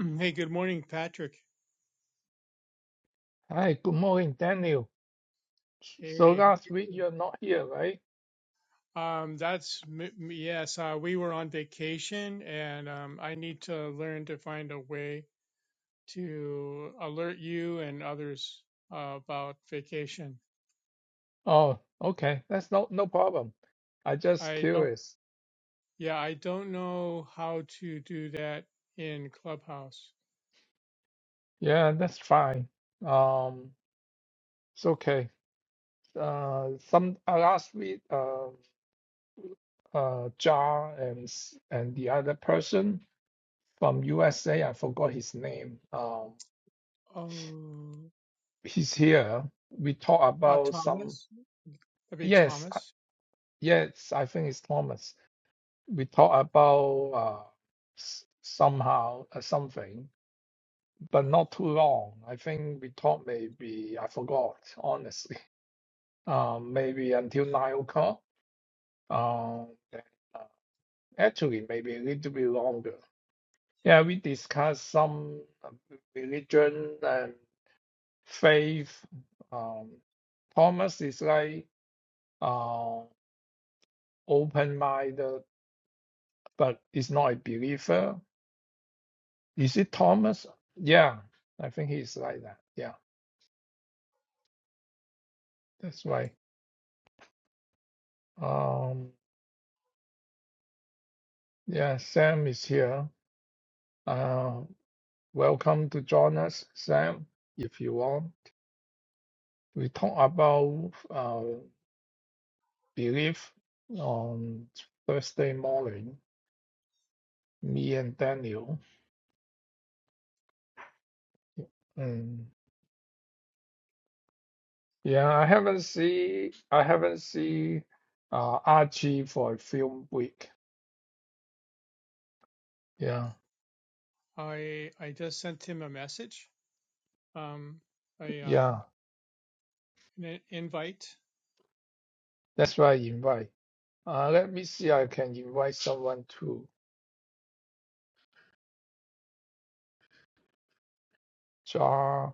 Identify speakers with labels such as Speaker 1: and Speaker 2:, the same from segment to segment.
Speaker 1: Mm, Hey, good morning, Patrick.
Speaker 2: Hi, good morning, Daniel. So
Speaker 1: Hey, how
Speaker 2: last
Speaker 1: you
Speaker 2: week
Speaker 1: doing?
Speaker 2: you're not here, right?
Speaker 1: Um, that's m- m- yes. Uh, we were on vacation, and um, I need to learn to find a way to alert you and others uh, about vacation.
Speaker 2: Oh, okay. That's no no problem. I just
Speaker 1: I don't.
Speaker 2: curious.
Speaker 1: Yeah, I don't know how to do that in Clubhouse.
Speaker 2: Yeah, that's fine. Um, it's okay. Uh, some uh, last week, uh, uh, John and s- and the other person from USA, I forgot his name. Um,
Speaker 1: Oh,
Speaker 2: he's here. We talk
Speaker 1: uh,
Speaker 2: about some.
Speaker 1: Thomas. That'd be
Speaker 2: Yes, I-
Speaker 1: Thomas.
Speaker 2: yes, I think it's Thomas we talk about uh, s- somehow uh, something, but not too long. I think we talked maybe I forgot honestly. Um, maybe until nine o'clock. Um, then, uh, actually, maybe a little bit longer. Yeah, we discussed some uh, religion and faith. Um, Thomas is like uh, open-minded, but is not a believer Is it Thomas? Yeah, I think he's like that. Yeah, that's right. Um, yeah, Sam is here. Uh, welcome to join us, Sam, if you want. We talk about uh, belief on Thursday morning, me and Daniel. Mm. Yeah, I haven't see I haven't see uh Archie for a film week. Yeah,
Speaker 1: I I just sent him a message. Um, I
Speaker 2: yeah,
Speaker 1: um an invite.
Speaker 2: that's why I invite. Uh, let me see. I can invite someone to Jar.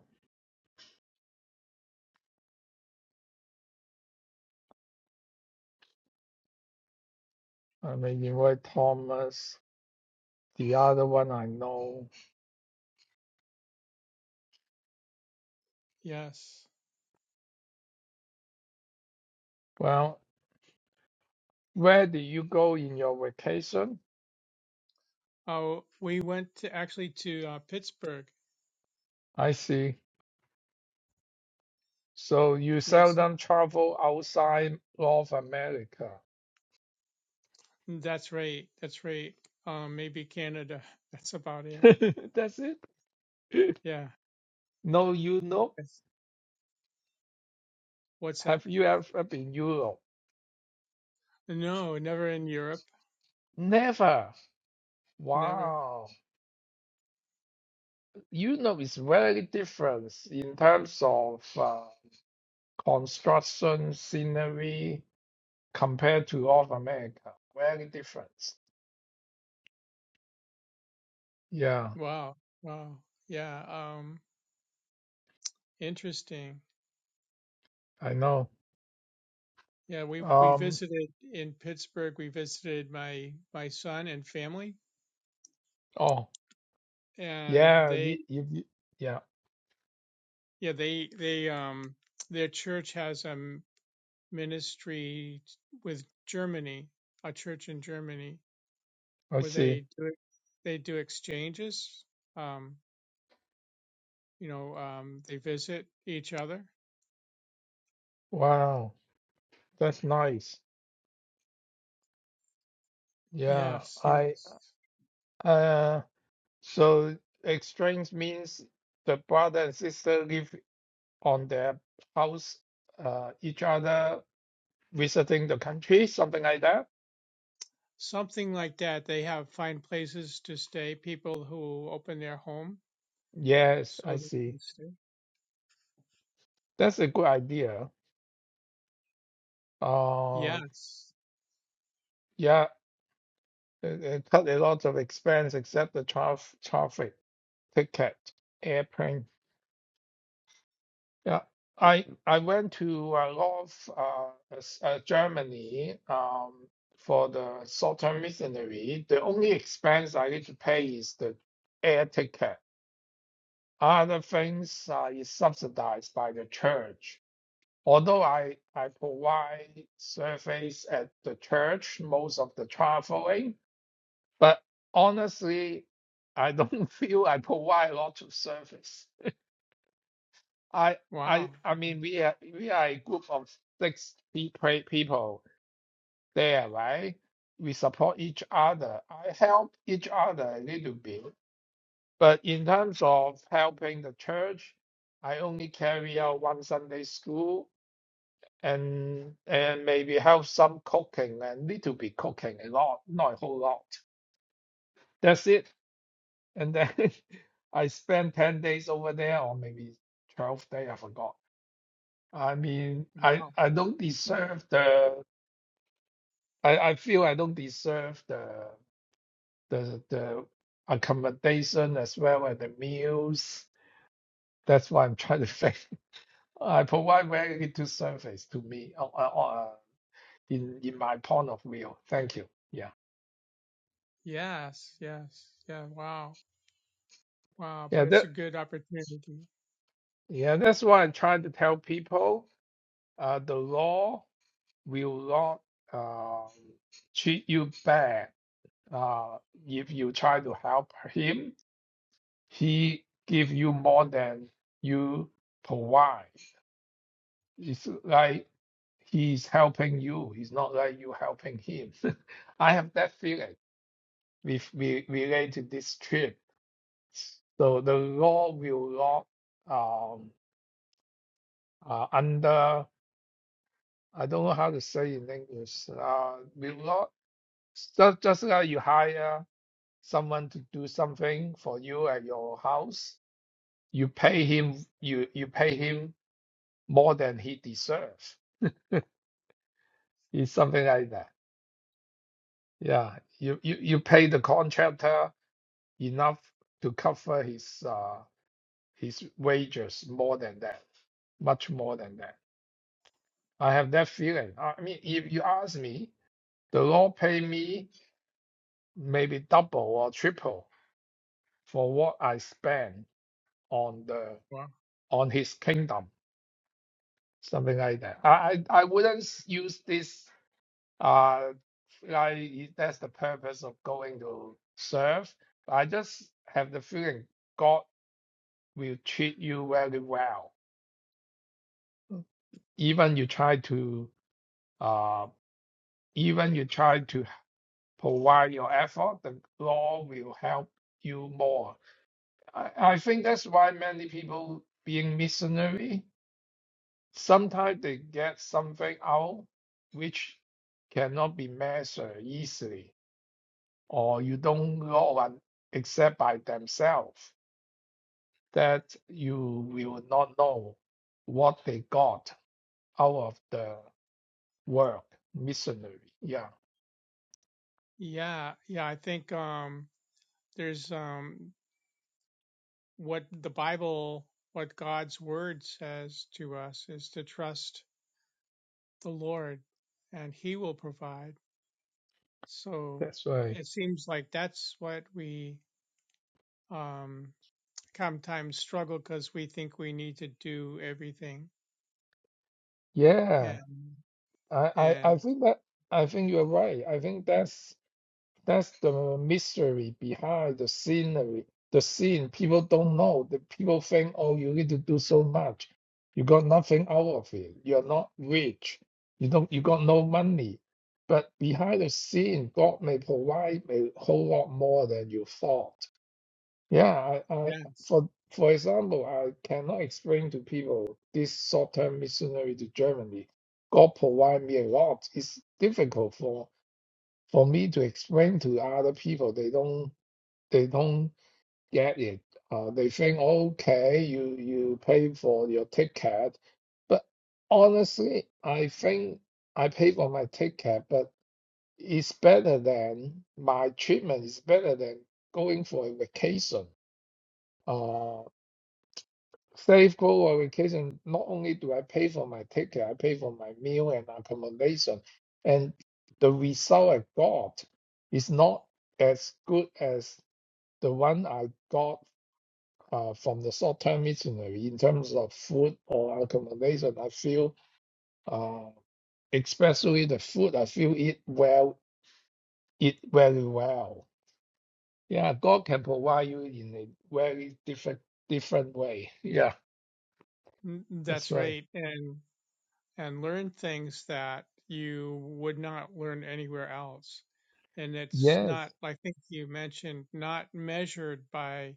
Speaker 2: I may invite Thomas. The other one I know.
Speaker 1: Yes.
Speaker 2: Well, where do you go in your vacation?
Speaker 1: Oh, we went to actually to uh, Pittsburgh.
Speaker 2: I see. So you
Speaker 1: Yes,
Speaker 2: seldom travel outside North America.
Speaker 1: that's right. That's right. Um, maybe Canada. That's about it.
Speaker 2: That's it.
Speaker 1: Yeah.
Speaker 2: No you Europe.
Speaker 1: That's, what's that?
Speaker 2: Have you ever been Europe?
Speaker 1: No, never in Europe.
Speaker 2: Never.
Speaker 1: Never.
Speaker 2: Wow. Europe is very different in terms of uh, construction, scenery. compared to all of America. Very different. Yeah,
Speaker 1: Wow. Wow. Yeah. Um, interesting.
Speaker 2: I know.
Speaker 1: Yeah, we we
Speaker 2: Um.
Speaker 1: visited in Pittsburgh. We visited my my son and family,
Speaker 2: Oh,
Speaker 1: and
Speaker 2: yeah.
Speaker 1: they
Speaker 2: You, you, you- yeah.
Speaker 1: yeah they they um their church has a ministry with Germany, a church in Germany,
Speaker 2: I
Speaker 1: where
Speaker 2: see.
Speaker 1: they do they do exchanges. Um, you know, um, they visit each other.
Speaker 2: Wow, that's nice. Yeah.
Speaker 1: Yes,
Speaker 2: I.
Speaker 1: yes,
Speaker 2: Uh. So exchange means the brother and sister live on their house, uh, each other visiting the country, something like that.
Speaker 1: something like that. They have find places to stay. People who open their home
Speaker 2: Yes,
Speaker 1: so
Speaker 2: I
Speaker 1: they
Speaker 2: see.
Speaker 1: can stay.
Speaker 2: That's a good idea. Uh.
Speaker 1: Yes.
Speaker 2: Yeah. It, it cut a lot of expense except the traf- traffic ticket, airplane. Yeah, I I went to uh, Lov, uh, s- uh, Germany um, for the short-term missionary. The only expense I need to pay is the air ticket. Other things uh, is subsidized by the church. Although I, I provide service at the church most of the traveling, But honestly, I don't feel I provide a lot of service. I I
Speaker 1: Wow.
Speaker 2: I mean we are we are a group of six pe- pe- people there, right? We support each other. I help each other a little bit, but in terms of helping the church, I only carry out one Sunday school and and maybe help some cooking and little bit cooking a lot, not a whole lot. That's it. And then I spent 10 days over there, or maybe 12 days, I forgot. I mean, I,
Speaker 1: Wow.
Speaker 2: I don't deserve the, I, I feel I don't deserve the, the, the accommodation as well as the meals. That's what I'm trying to say. I provide very little service to me uh, uh, uh, in, in my point of view. Thank you. Yeah.
Speaker 1: Yes. Yes. Yeah. Wow. Wow.
Speaker 2: Yeah,
Speaker 1: But it's
Speaker 2: that,
Speaker 1: a good opportunity.
Speaker 2: yeah, that's why I try to tell people. Uh, the law. will not uh, treat you bad. Uh, if you try to help him, he give you more than you provide. It's like he's helping you. It's not like you helping him. I have that feeling with re- related this trip. So the law will not um, uh, under I don't know how to say in English. Uh, will not just just like you hire. someone to do something for you at your house, you pay him you you pay him more than he deserves. It's something like that. Yeah, you you, you
Speaker 1: Yeah.
Speaker 2: pay the contractor enough to cover his uh, his wages more than that, much more than that. I have that feeling. I mean, if you ask me, the law pay me maybe double or triple for what I spend on the
Speaker 1: Wow.
Speaker 2: on his kingdom something like that. I I, I wouldn't s- use this uh like i- that's the purpose of going to serve. I just have the feeling God will treat you very well. Even you try to uh even you try to provide your effort, the Lord will help you more. I, I think that's why many people being missionary, sometimes they get something out which cannot be measured easily or you don't know one except by themselves, that you will not know what they got out of the work missionary. Yeah,
Speaker 1: Yeah. Yeah. I think. Um. there's um, what the Bible, what God's word says to us is to trust the Lord and he will provide. So
Speaker 2: that's right.
Speaker 1: it seems like that's what we um, sometimes struggle because we think we need to do everything.
Speaker 2: Yeah,
Speaker 1: And,
Speaker 2: I, I,
Speaker 1: and
Speaker 2: I think that I think you're right. I think that's That's the mystery behind the scenery, the scene. People don't know. The people think, oh, you need to do so much. You got nothing out of it. You're not rich. You don't. You got no money. But behind the scene, God may provide a whole lot more than you thought. Yeah, I, I
Speaker 1: yes,
Speaker 2: for for example, I cannot explain to people this short-term missionary to Germany. God provide me a lot. It's difficult for for me to explain to other people they don't they don't get it uh, they think okay you you pay for your ticket but honestly i think i pay for my ticket but it's better than my treatment is better than going for a vacation Uh, Safe go on vacation, not only do I pay for my ticket, I pay for my meal and accommodation. And the result I got is not as good as the one I got uh, from the short-term missionary in terms of food or accommodation. I feel, uh, especially the food, I feel it well, it very well. Yeah, God can provide you in a very different different way. Yeah, that's
Speaker 1: that's
Speaker 2: right.
Speaker 1: right. And and learn things that you would not learn anywhere else. And it's
Speaker 2: Yes,
Speaker 1: not, I think you mentioned, not measured by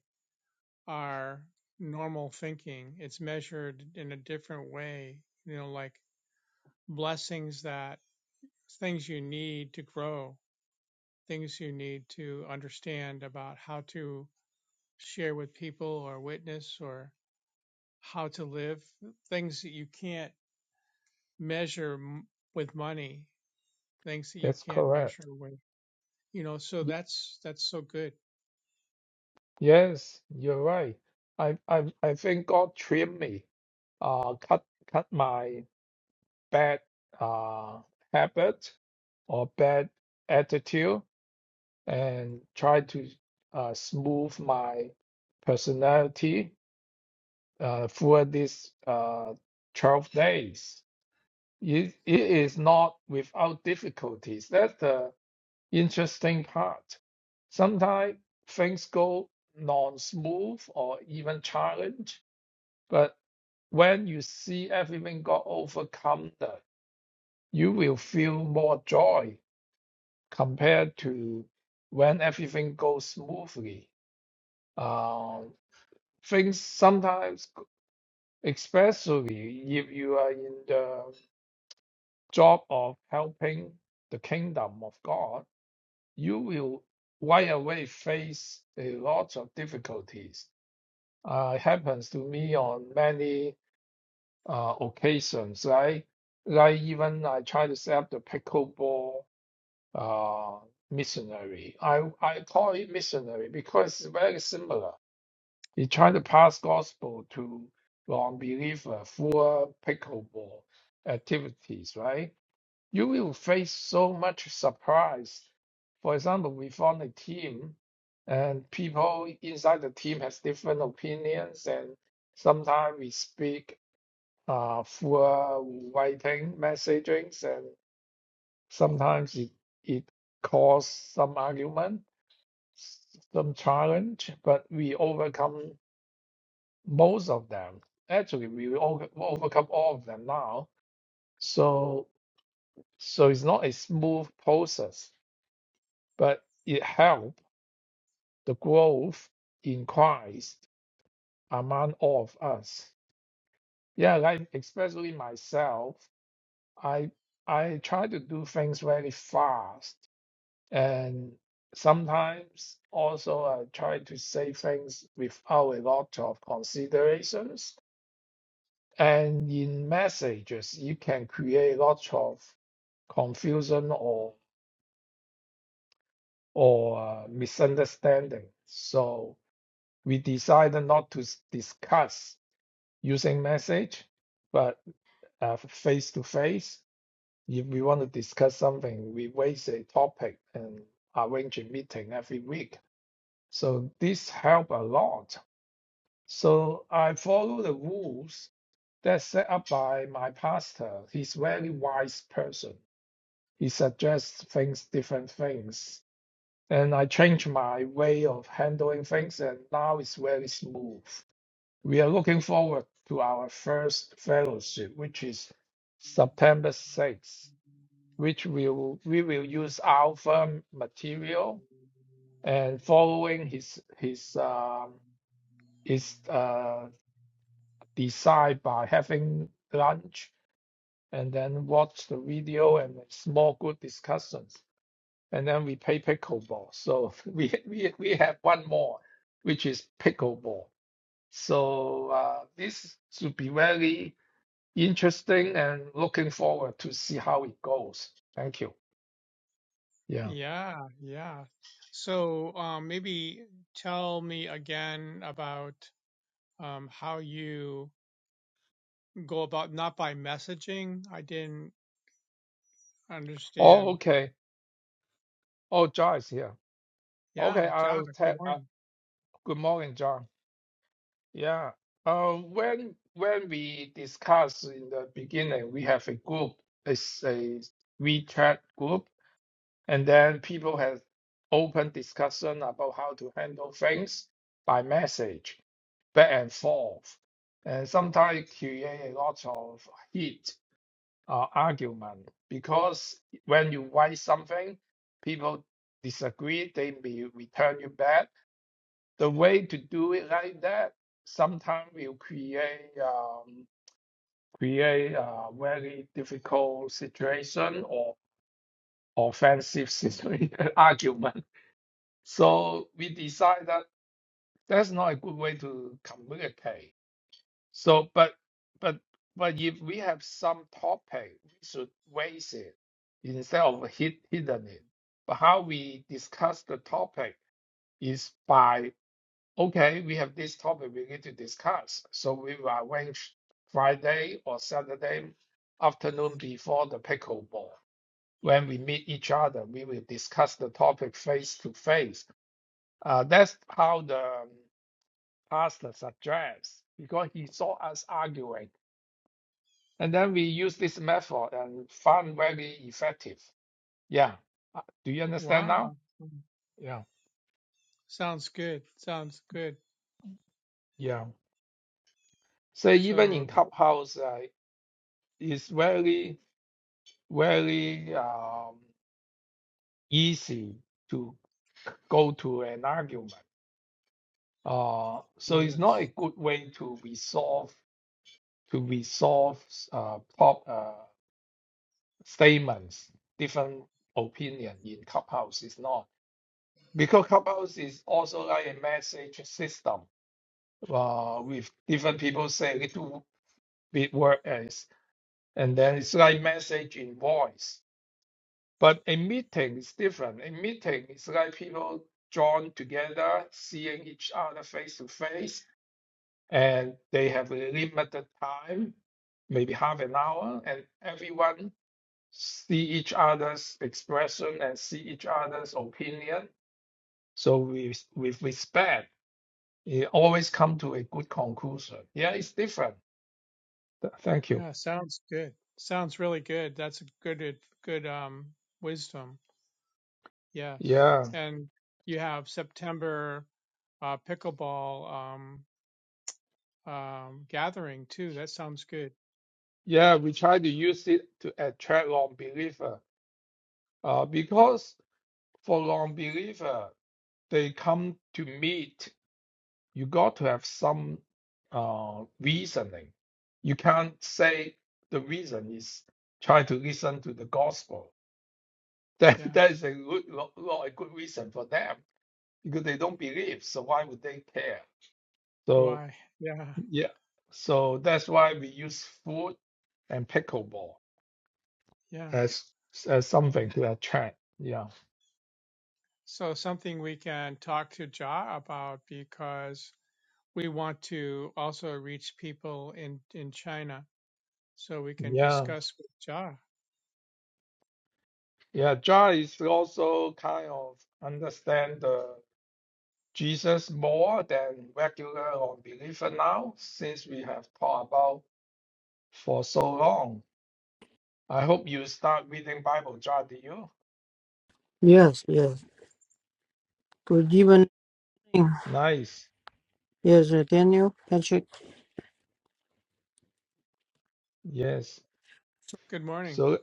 Speaker 1: our normal thinking. It's measured in a different way, you know, like blessings that things you need to grow, things you need to understand about how to share with people or witness or how to live, things that you can't measure m- with money things that you
Speaker 2: that's
Speaker 1: can't
Speaker 2: correct.
Speaker 1: measure with you know so
Speaker 2: Y-
Speaker 1: that's that's so good
Speaker 2: Yes, you're right. I I I think God trimmed me, uh, cut cut my bad uh habit or bad attitude, and try to uh, smooth my personality uh, for these uh 12 days. It, it is not without difficulties. That's the Interesting part. Sometimes things go non-smooth or even challenge, but when you see everything got overcome, that you will feel more joy compared to when everything goes smoothly. Um, things sometimes, especially if you are in the job of helping the kingdom of God, you will right away face a lot of difficulties. Uh, it happens to me on many uh, occasions, right? Like even I try to set up the pickleball uh, missionary. I, I call it missionary because it's very similar. You try to pass gospel to non-believer through pickleball activities, right? you will face so much surprise. For example, we form a team, and people inside the team has different opinions, and sometimes we speak uh, through writing messagings, and sometimes it it cause some argument, some challenge, but we overcome most of them. Actually, we will over, overcome all of them now. So so it's not a smooth process but it helped the growth in Christ among all of us. Yeah, like especially myself, I I try to do things very fast, and sometimes also I try to say things without a lot of considerations. And in messages, you can create lots of confusion or or uh, misunderstanding. So we decided not to s- discuss using message, but uh, face to face, if we want to discuss something, we raise a topic and arrange a meeting every week. So this help a lot. So I follow the rules that's set up by my pastor. He's a very wise person. He suggests things, different things. And I changed my way of handling things and now it's very smooth. We are looking forward to our first fellowship, which is September 6th, which will we will use alpha material and following his his um his uh design by having lunch and then watch the video and a small group discussions and then we play pickleball. So we we we have one more, which is pickleball. So uh, this should be very interesting and looking forward to see how it goes. Thank you. Yeah.
Speaker 1: yeah yeah so um, maybe tell me again about um, how you go about not by messaging i didn't
Speaker 2: Oh,
Speaker 1: understand that
Speaker 2: okay. Oh, John is here. Okay,
Speaker 1: yeah john
Speaker 2: I'll
Speaker 1: good
Speaker 2: tell. Uh,
Speaker 1: morning
Speaker 2: good morning, John. Yeah. Uh, when when we discuss in the beginning, we have a group. It's a WeChat group, and then people have open discussion about how to handle things by message, back and forth, and sometimes create a lot of heat uh, argument because when you write something, people disagree, they may return you back. The way to do it like that sometimes will create um, create a very difficult situation or offensive situation, argument. So we decide that that's not a good way to communicate So, but but but if we have some topic, we should raise it instead of hid, hidden it. But how we discuss the topic is by okay, we have this topic we need to discuss. So we will arrange Friday or Saturday afternoon before the pickleball. When we meet each other, we will discuss the topic face to face. Uh, that's how the pastor suggests because he saw us arguing. And then we use this method and found very effective. Yeah. Uh, Do you understand
Speaker 1: wow
Speaker 2: now? Yeah.
Speaker 1: sounds good sounds good
Speaker 2: Yeah. So even
Speaker 1: so
Speaker 2: in Clubhouse, uh, it's very, very um, easy to go to an argument. Uh, so it's not a
Speaker 1: yes
Speaker 2: good way to resolve to resolve uh, prop, uh, statements, different opinion in Clubhouse. It's not because Clubhouse is also like a message system uh, with different people saying it w- with word as, and then it's like message in voice. But a meeting is different. A meeting is like people drawn together, seeing each other face to face, and they have a limited time, maybe half an hour, and everyone see each other's expression and see each other's opinion. So with with respect, it always come to a good conclusion. Yeah, it's different. Th- Thank you.
Speaker 1: yeah sounds good sounds really good that's a good good um wisdom Yes,
Speaker 2: Yeah,
Speaker 1: and you have September uh, pickleball um, um, gathering too. That sounds good.
Speaker 2: yeah, we try to use it to attract long believer. Uh, because for long believer, they come to meet. You got to have some uh reasoning. You can't say the reason is try to listen to the gospel. That
Speaker 1: Yes.
Speaker 2: that is a good, not, not a good reason for them because they don't believe. So why would they care? So
Speaker 1: Why? Yeah,
Speaker 2: yeah, so that's why we use food and pickleball.
Speaker 1: yeah.
Speaker 2: as as something
Speaker 1: Mm.
Speaker 2: to attract. Yeah,
Speaker 1: So something we can talk to Ja about because we want to also reach people in in China, so we can
Speaker 2: yeah,
Speaker 1: discuss with Ja.
Speaker 2: yeah. John is also kind of understand the Jesus more than regular or believer now, since we have talked about for so long. I hope you start reading Bible, John. Do you?
Speaker 3: Yes, yes. Good evening.
Speaker 2: Nice.
Speaker 3: Yes, uh, Daniel, Patrick.
Speaker 2: Yes.
Speaker 1: Good morning.
Speaker 2: So,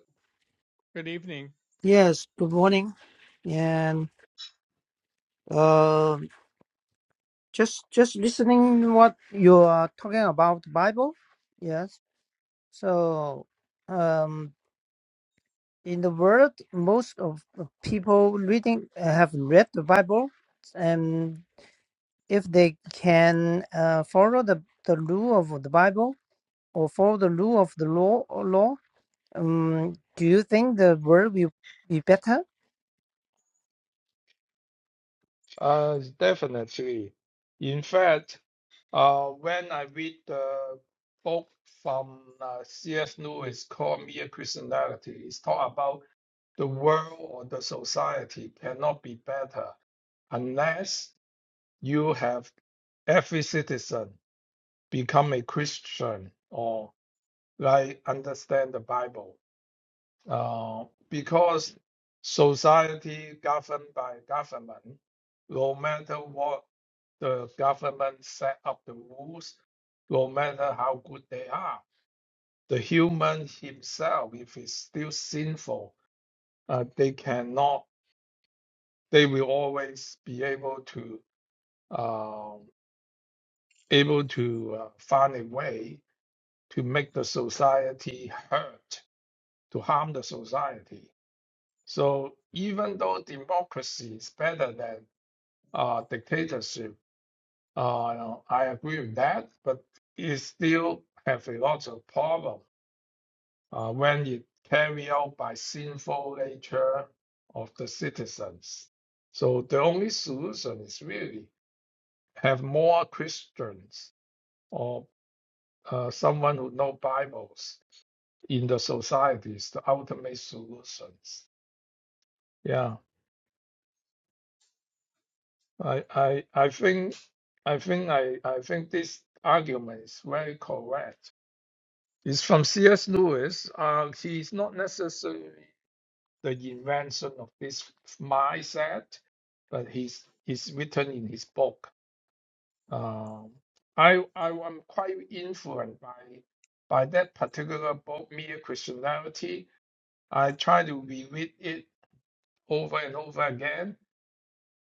Speaker 1: Good evening.
Speaker 3: Yes, good morning. And uh, just just listening what you are talking about the Bible. Yes. So um, in the world, most of the people reading uh, have read the Bible, and if they can uh, follow the the rule of the Bible or follow the rule of the law, law Um, do you think the world will be better?
Speaker 2: uh, definitely. In fact, uh, when I read the book from uh, C.S. Lewis called Mere Christianity, it's talk about the world or the society cannot be better unless you have every citizen become a Christian or like understand the Bible. Uh, because society governed by government, no matter what the government set up the rules, no matter how good they are, the human himself, if he's still sinful, uh, they cannot they will always be able to um, able to uh, find a way to make the society hurt, to harm the society. So even though democracy is better than uh, dictatorship, uh, I agree with that, but it still have a lot of problem uh, when it carried out by sinful nature of the citizens. So the only solution is really have more Christians or uh, someone who know Bibles in the societies, the ultimate solutions. Yeah, I, I, I think, I think, I, I think this argument is very correct. It's from C.S. Lewis. Uh, he's not necessarily the invention of this mindset, but he's he's written in his book. Um, I I am quite influenced by by that particular book, Mere Christianity. I try to reread it over and over again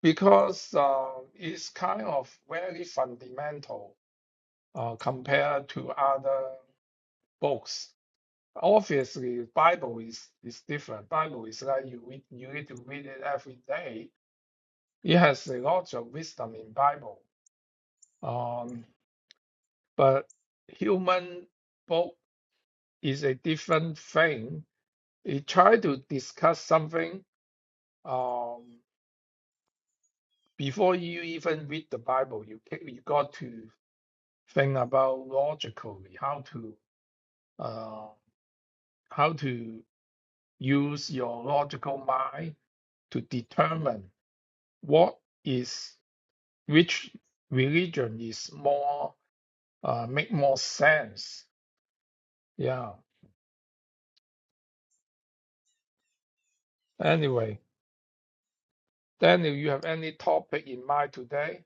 Speaker 2: because uh, it's kind of very fundamental uh, compared to other books. Obviously, Bible is is different. Bible is like you read, you need to read it every day. It has a lot of wisdom in Bible. Um, but human book is a different thing. You try to discuss something um, before you even read the Bible. You ca- you got to think about logically how to uh, how to use your logical mind to determine what is which religion is more uh, make more sense. Yeah. Anyway, Daniel, you have any topic in mind today?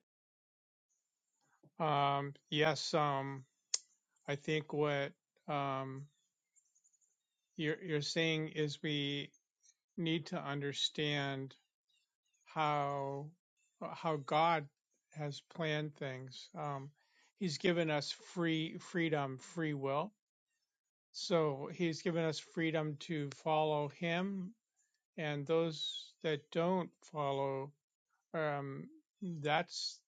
Speaker 1: Um, yes. Um, I think what um, you're you're saying is we need to understand how how God has planned things. Um, he's given us free freedom, free will. So he's given us freedom to follow him, and those that don't follow, um, that's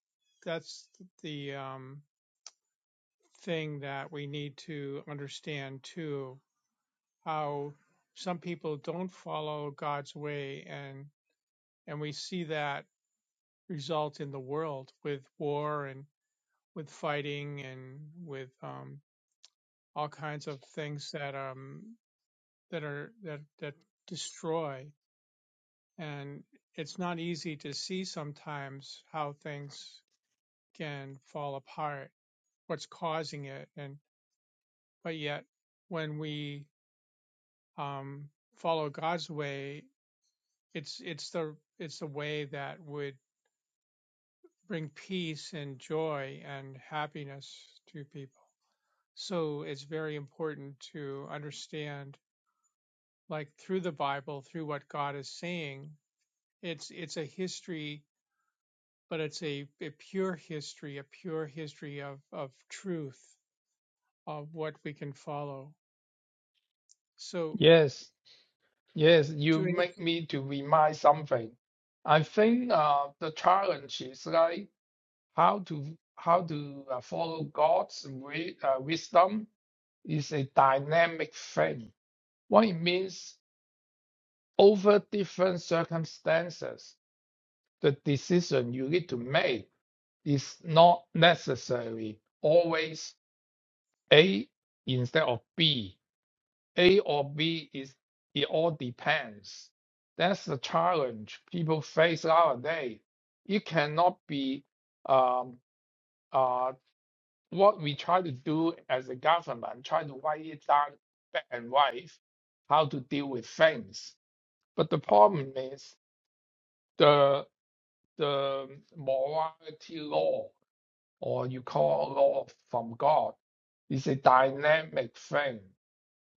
Speaker 1: that's the um, thing that we need to understand too. How some people don't follow God's way, and and we see that result in the world with war and with fighting and with um, all kinds of things that um, that are that that destroy. And it's not easy to see sometimes how things can fall apart, what's causing it, and but yet when we um, follow God's way, it's it's the it's the way that would bring peace and joy and happiness to people. So it's very important to understand, like through the Bible, through what God is saying, it's it's a history, but it's a, a pure history, a pure history of of truth, of what we can follow. So
Speaker 2: Yes. Yes, you
Speaker 1: to
Speaker 2: make
Speaker 1: answer,
Speaker 2: me to remind something. I think uh, the challenge is like how to how to uh, follow God's wi- uh, wisdom is a dynamic thing. What it means over different circumstances, the decision you need to make is not necessarily always A instead of B. A or B is it all depends. That's the challenge people face nowadays. It cannot be um, uh, what we try to do as a government, try to write it down black and white, how to deal with things. But the problem is the the morality law, or you call law from God, is a dynamic thing.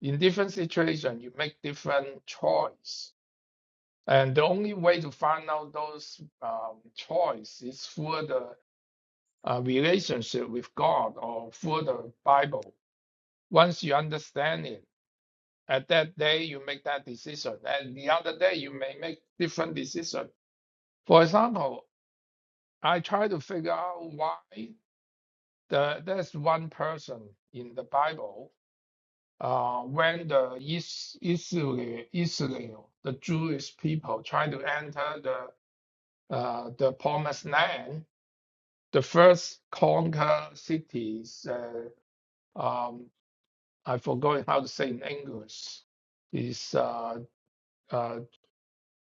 Speaker 2: In different situation, you make different choice And the only way to find out those um, choice is through the uh, relationship with God or through the Bible. Once you understand it, at that day you make that decision, and the other day you may make different decision. For example, I try to figure out why the, there's one person in the Bible uh, when the Is- Israel, Israel, the Jewish people, try to enter the uh, the promised land the first conquer cities, uh, um, I forgot how to say in English, is, uh, uh,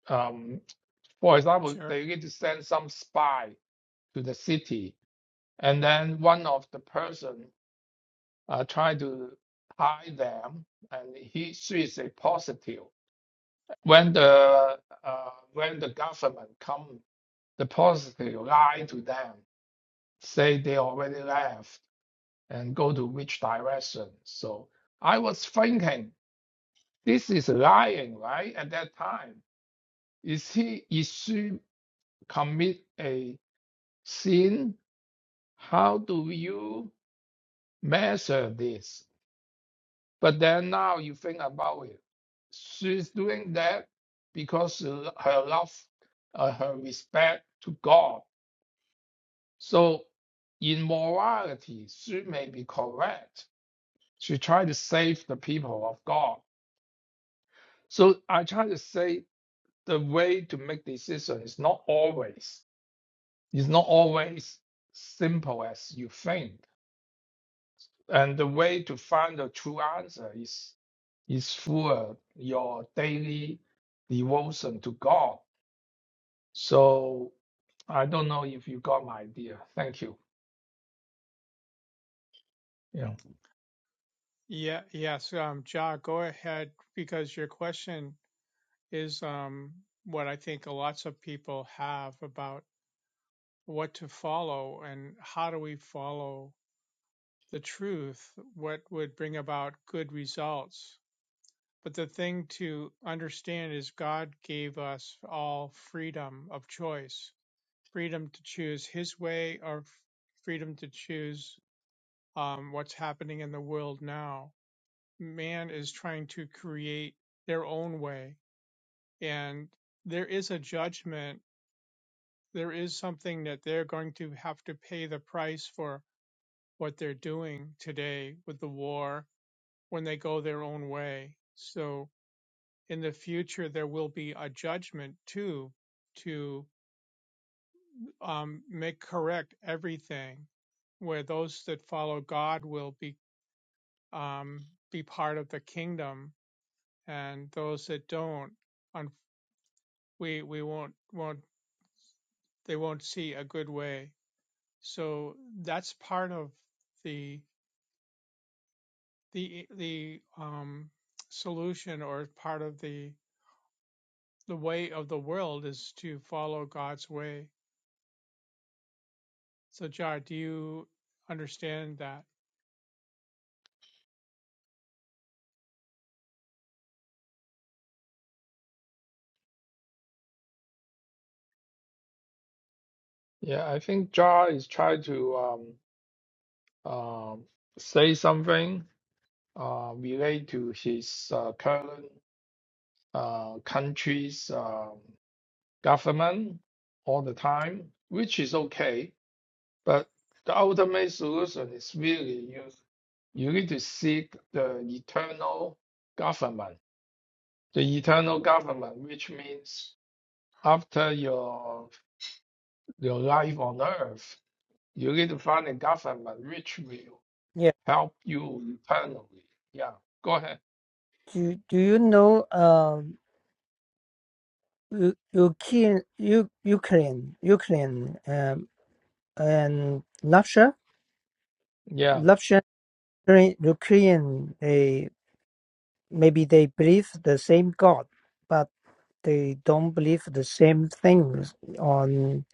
Speaker 2: um, for example,
Speaker 1: sure,
Speaker 2: they need to send some spy to the city, and then one of the person uh, try to hide them, and he she is a positive. When the uh, when the government come, the positive lie to them, say they already left and go to which direction. So I was thinking, this is lying, right? At that time, is he is she commit a sin? How do you measure this? But then now you think about it, she's doing that because she her love, uh, her respect to God. So in morality, she may be correct. She tried to save the people of God So I try to say the way to make decision is not always is not always simple as you think, and the way to find the true answer is is through uh, your daily devotion to God. So I don't know if you got my idea. Thank you. Yeah,
Speaker 1: yeah, yes, um, Ja, go ahead because your question is um what I think lots of people have about what to follow and how do we follow the truth, what would bring about good results. But the thing to understand is God gave us all freedom of choice, freedom to choose His way or freedom to choose um, what's happening in the world now. Man is trying to create their own way, and there is a judgment. There is something that they're going to have to pay the price for what they're doing today with the war when they go their own way. So in the future, there will be a judgment too to um, make correct everything, where those that follow God will be um, be part of the kingdom, and those that don't, we we won't won't they won't see a good way. So that's part of the the the um, solution or part of the the way of the world is to follow God's way. So, Jar, do you understand that?
Speaker 2: yeah. I think Jar is trying to um, um say something uh, relate to his uh, current uh, country's um, government all the time, which is okay. But the ultimate solution is really you you need to seek the eternal government, the eternal government, which means after your your life on earth, you need to find a government which will
Speaker 3: Yeah.
Speaker 2: help you eternally. Yeah, go ahead.
Speaker 3: Do Do you know um U- Ukraine U- Ukraine Ukraine um and Russia
Speaker 2: Yeah.
Speaker 3: Russia Ukraine Ukraine, they maybe they believe the same God, but. they don't believe the same things on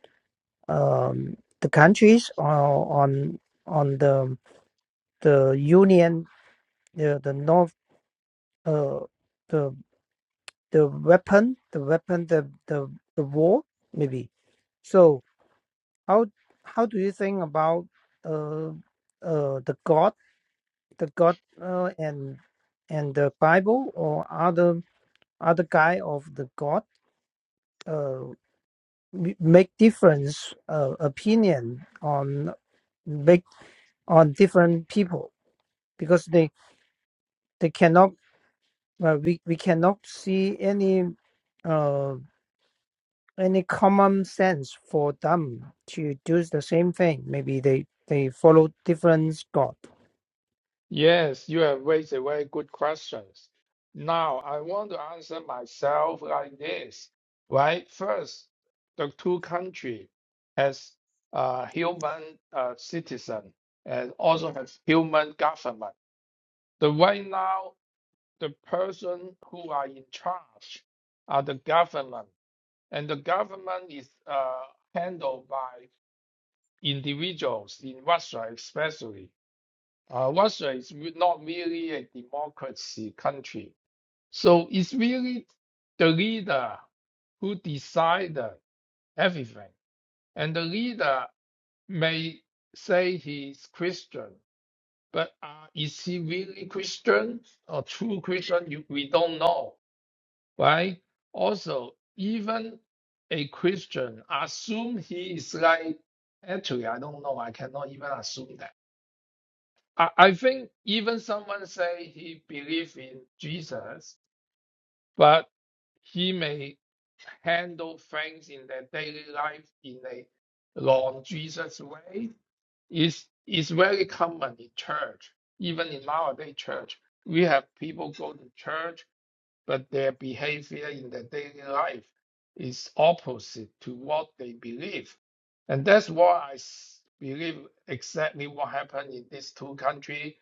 Speaker 3: um, the countries or on on the the union the the north uh, the the weapon the weapon the the, the war maybe so how how do you think about uh, uh, the God the God uh, and and the Bible or other other guy of the God uh. m- make difference uh, opinion on make on different people because they they cannot uh, we we cannot see any uh any common sense for them to do the same thing maybe they they follow different god
Speaker 2: Yes, you have raised a very good questions. Now, I want to answer myself like this, right? First, the two country has uh, human uh, citizen and also has human government. The right now, the person who are in charge are the government, and the government is uh, handled by individuals in Russia, especially. Uh, Russia is re- not really a democracy country. So it's really the leader who decide everything. And the leader may say he's Christian, but uh, is he really Christian or true Christian? You, we don't know, right? Also, even a Christian, assume he is like, actually, I don't know. I cannot even assume that I, I think even someone say he believe in Jesus, but he may handle things in their daily life in a non-Jesus way is is very common in church. Even in nowadays church, we have people go to church, but their behavior in their daily life is opposite to what they believe. And that's why I s- believe exactly what happened in these two countries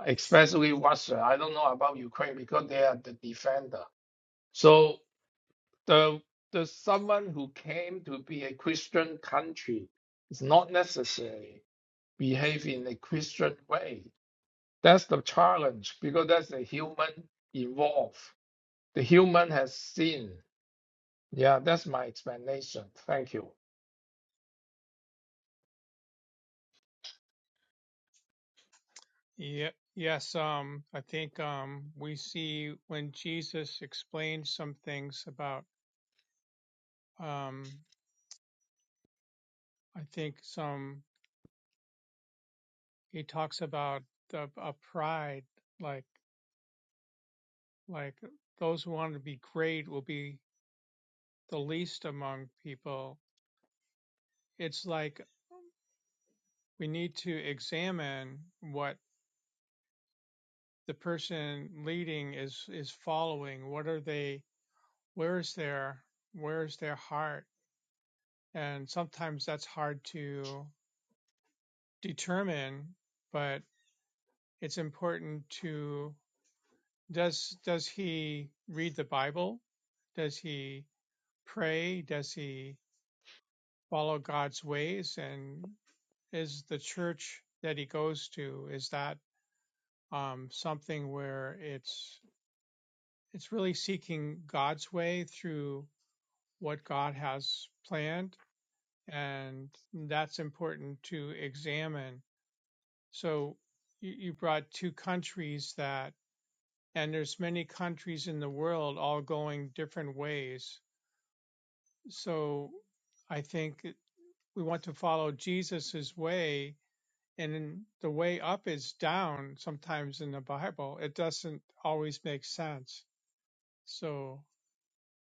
Speaker 2: especially Russia. I don't know about Ukraine because they are the defender. So the the someone who came to be a Christian country is not necessarily behave in a Christian way. That's the challenge because that's the human involved. The human has sin. Yeah, that's my explanation. Thank you.
Speaker 1: Yeah, yes. Um, I think um, we see when Jesus explains some things about. Um, I think some he talks about the, a pride, like like those who want to be great will be the least among people. It's like we need to examine what the person leading is is following what are they where is their where is their heart and sometimes that's hard to determine but it's important to does does he read the bible does he pray does he follow god's ways and is the church that he goes to is that um, something where it's it's really seeking god's way through what God has planned, and that's important to examine. So you, you brought two countries that, and there's many countries in the world all going different ways. So I think we want to follow Jesus's way, and the way up is down. Sometimes in the Bible, it doesn't always make sense. So,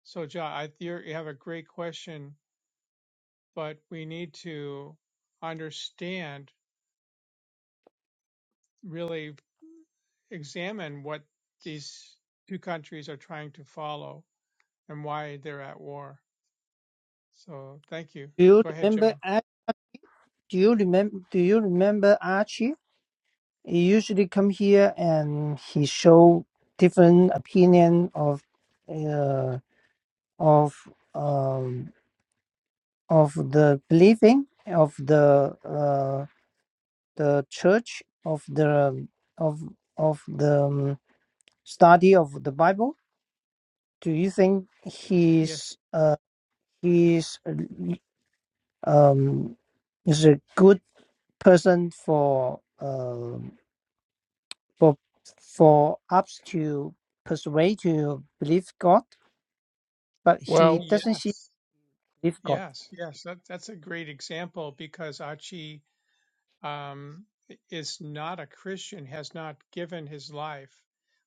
Speaker 1: so John, I, you're, you have a great question but we need to understand, really examine what these two countries are trying to follow and why they're at war. So thank you.
Speaker 3: do you
Speaker 1: Go ahead, John.
Speaker 3: remember Do you remember? Do you remember Archie? He usually come here and he show different opinion of, uh, of um, of the believing of the uh, the church of the of of the um, study of the Bible. Do you think
Speaker 1: Yes.
Speaker 3: he's uh, he's um is a good person for? uh, for for us to persuade to believe God, but he
Speaker 2: Well,
Speaker 3: doesn't see
Speaker 1: Yes.
Speaker 3: believe God.
Speaker 1: Yes. Yes. That, that's a great example because Achi um, is not a Christian, has not given his life,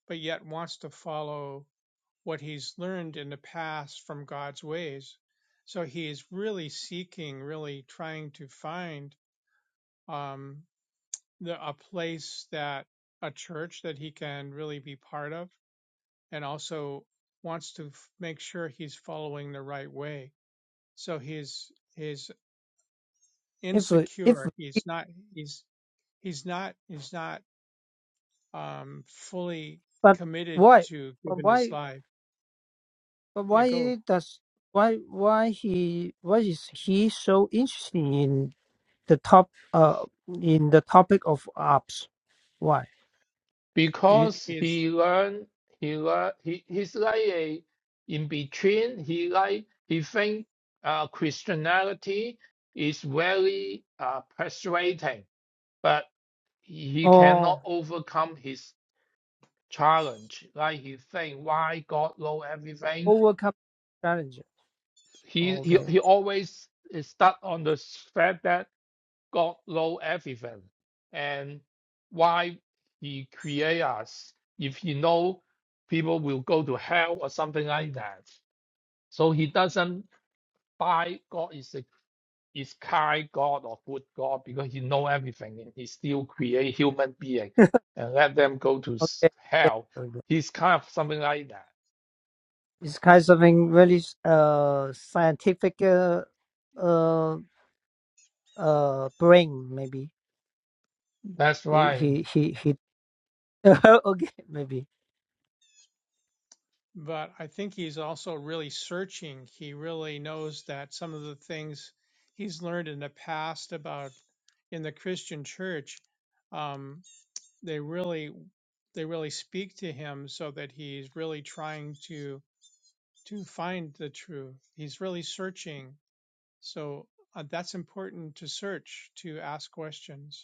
Speaker 1: but yet wants to follow what he's learned in the past from God's ways. So he's really seeking, really trying to find um, the, a place that a church that he can really be part of, and also wants to f- make sure he's following the right way. So he's he's
Speaker 3: If we- if
Speaker 1: insecure. He's
Speaker 3: we-
Speaker 1: not he's he's not he's not um, fully
Speaker 3: but
Speaker 1: committed
Speaker 3: why
Speaker 1: to
Speaker 3: but
Speaker 1: giving his
Speaker 3: why
Speaker 1: life.
Speaker 3: but
Speaker 1: Yeah,
Speaker 3: why
Speaker 1: go.
Speaker 3: does why why he why is he so interested in the top uh in the topic of ops? Why do you
Speaker 1: He,
Speaker 2: because
Speaker 1: he's
Speaker 2: he learn he learn he, he's like a in between he like he think uh, christianity is very uh, persuading but he
Speaker 3: oh
Speaker 2: cannot overcome his challenge like he think why god know everything
Speaker 3: overcome challenge?
Speaker 2: he he,
Speaker 3: Okay
Speaker 2: he always is stuck on the fact that God know everything and why he create us if he know people will go to hell or something like that. So he doesn't buy God is a is kind God or good God because he know everything and he still create human being and let them go to s-
Speaker 3: okay yeah,
Speaker 2: hell.
Speaker 3: okay.
Speaker 2: He's kind of something like that.
Speaker 3: It's kind of something really uh scientific uh. uh uh brain maybe
Speaker 2: That's
Speaker 3: he
Speaker 2: right.
Speaker 3: he he, he okay maybe
Speaker 1: but I think he's also really searching. He really knows that some of the things he's learned in the past about in the Christian church, um, they really they really speak to him, so that he's really trying to to find the truth. He's really searching. So uh, that's important to search to ask questions.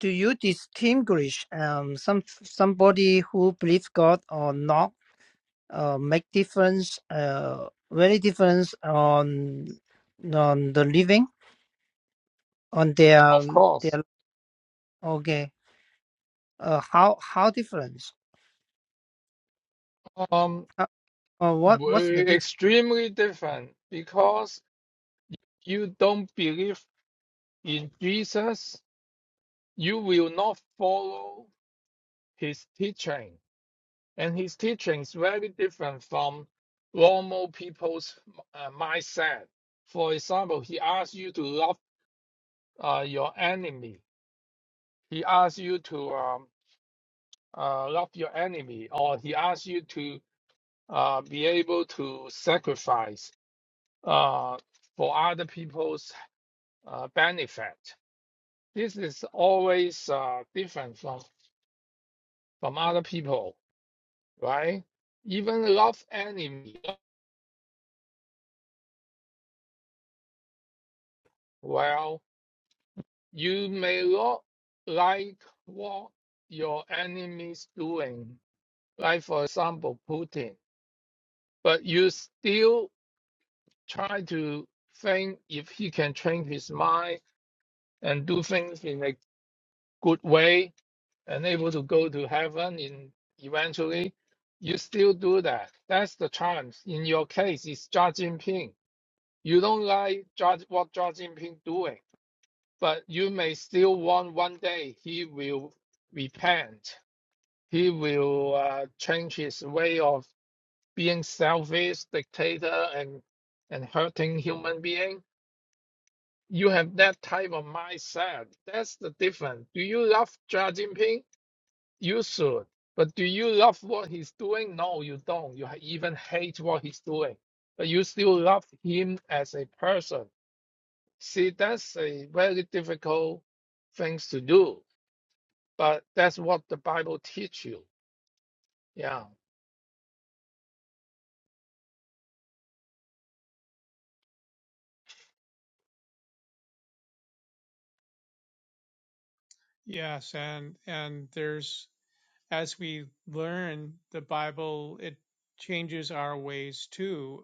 Speaker 3: do you distinguish um some somebody who believes god or not uh make difference uh very difference on on the living on their
Speaker 2: Of course.
Speaker 3: their okay uh how how difference
Speaker 2: Um
Speaker 3: uh, uh, what what's the
Speaker 2: we're
Speaker 3: difference
Speaker 2: extremely different because you don't believe In Jesus, you will not follow his teaching, and his teaching is very different from normal people's uh, mindset. For example, he asks you to love uh, your enemy. He asks you to um, uh, love your enemy, or he asks you to uh, be able to sacrifice uh, for other people's uh, benefit. This is always uh, different from, from other people right? Even love enemy. Well, you may not like what your enemy's doing, like for example Putin, but you still try to think if he can change his mind and do things in a good way and able to go to heaven in eventually. You still do that. That's the challenge. In your case, it's Xi Jinping. You don't like Judge, what Xi Jinping doing But you may still want one day he will repent. He will uh, change his way of being selfish, dictator, and and hurting human being. You have that type of mindset. That's the difference. Do you love Xi Jinping? You should. But do you love what he's doing? No, you don't. You ha- even hate what he's doing. But you still love him as a person. See, that's a very difficult things to do but that's what the Bible teach you. Yeah.
Speaker 1: Yes, and and there's as we learn the Bible, it changes our ways too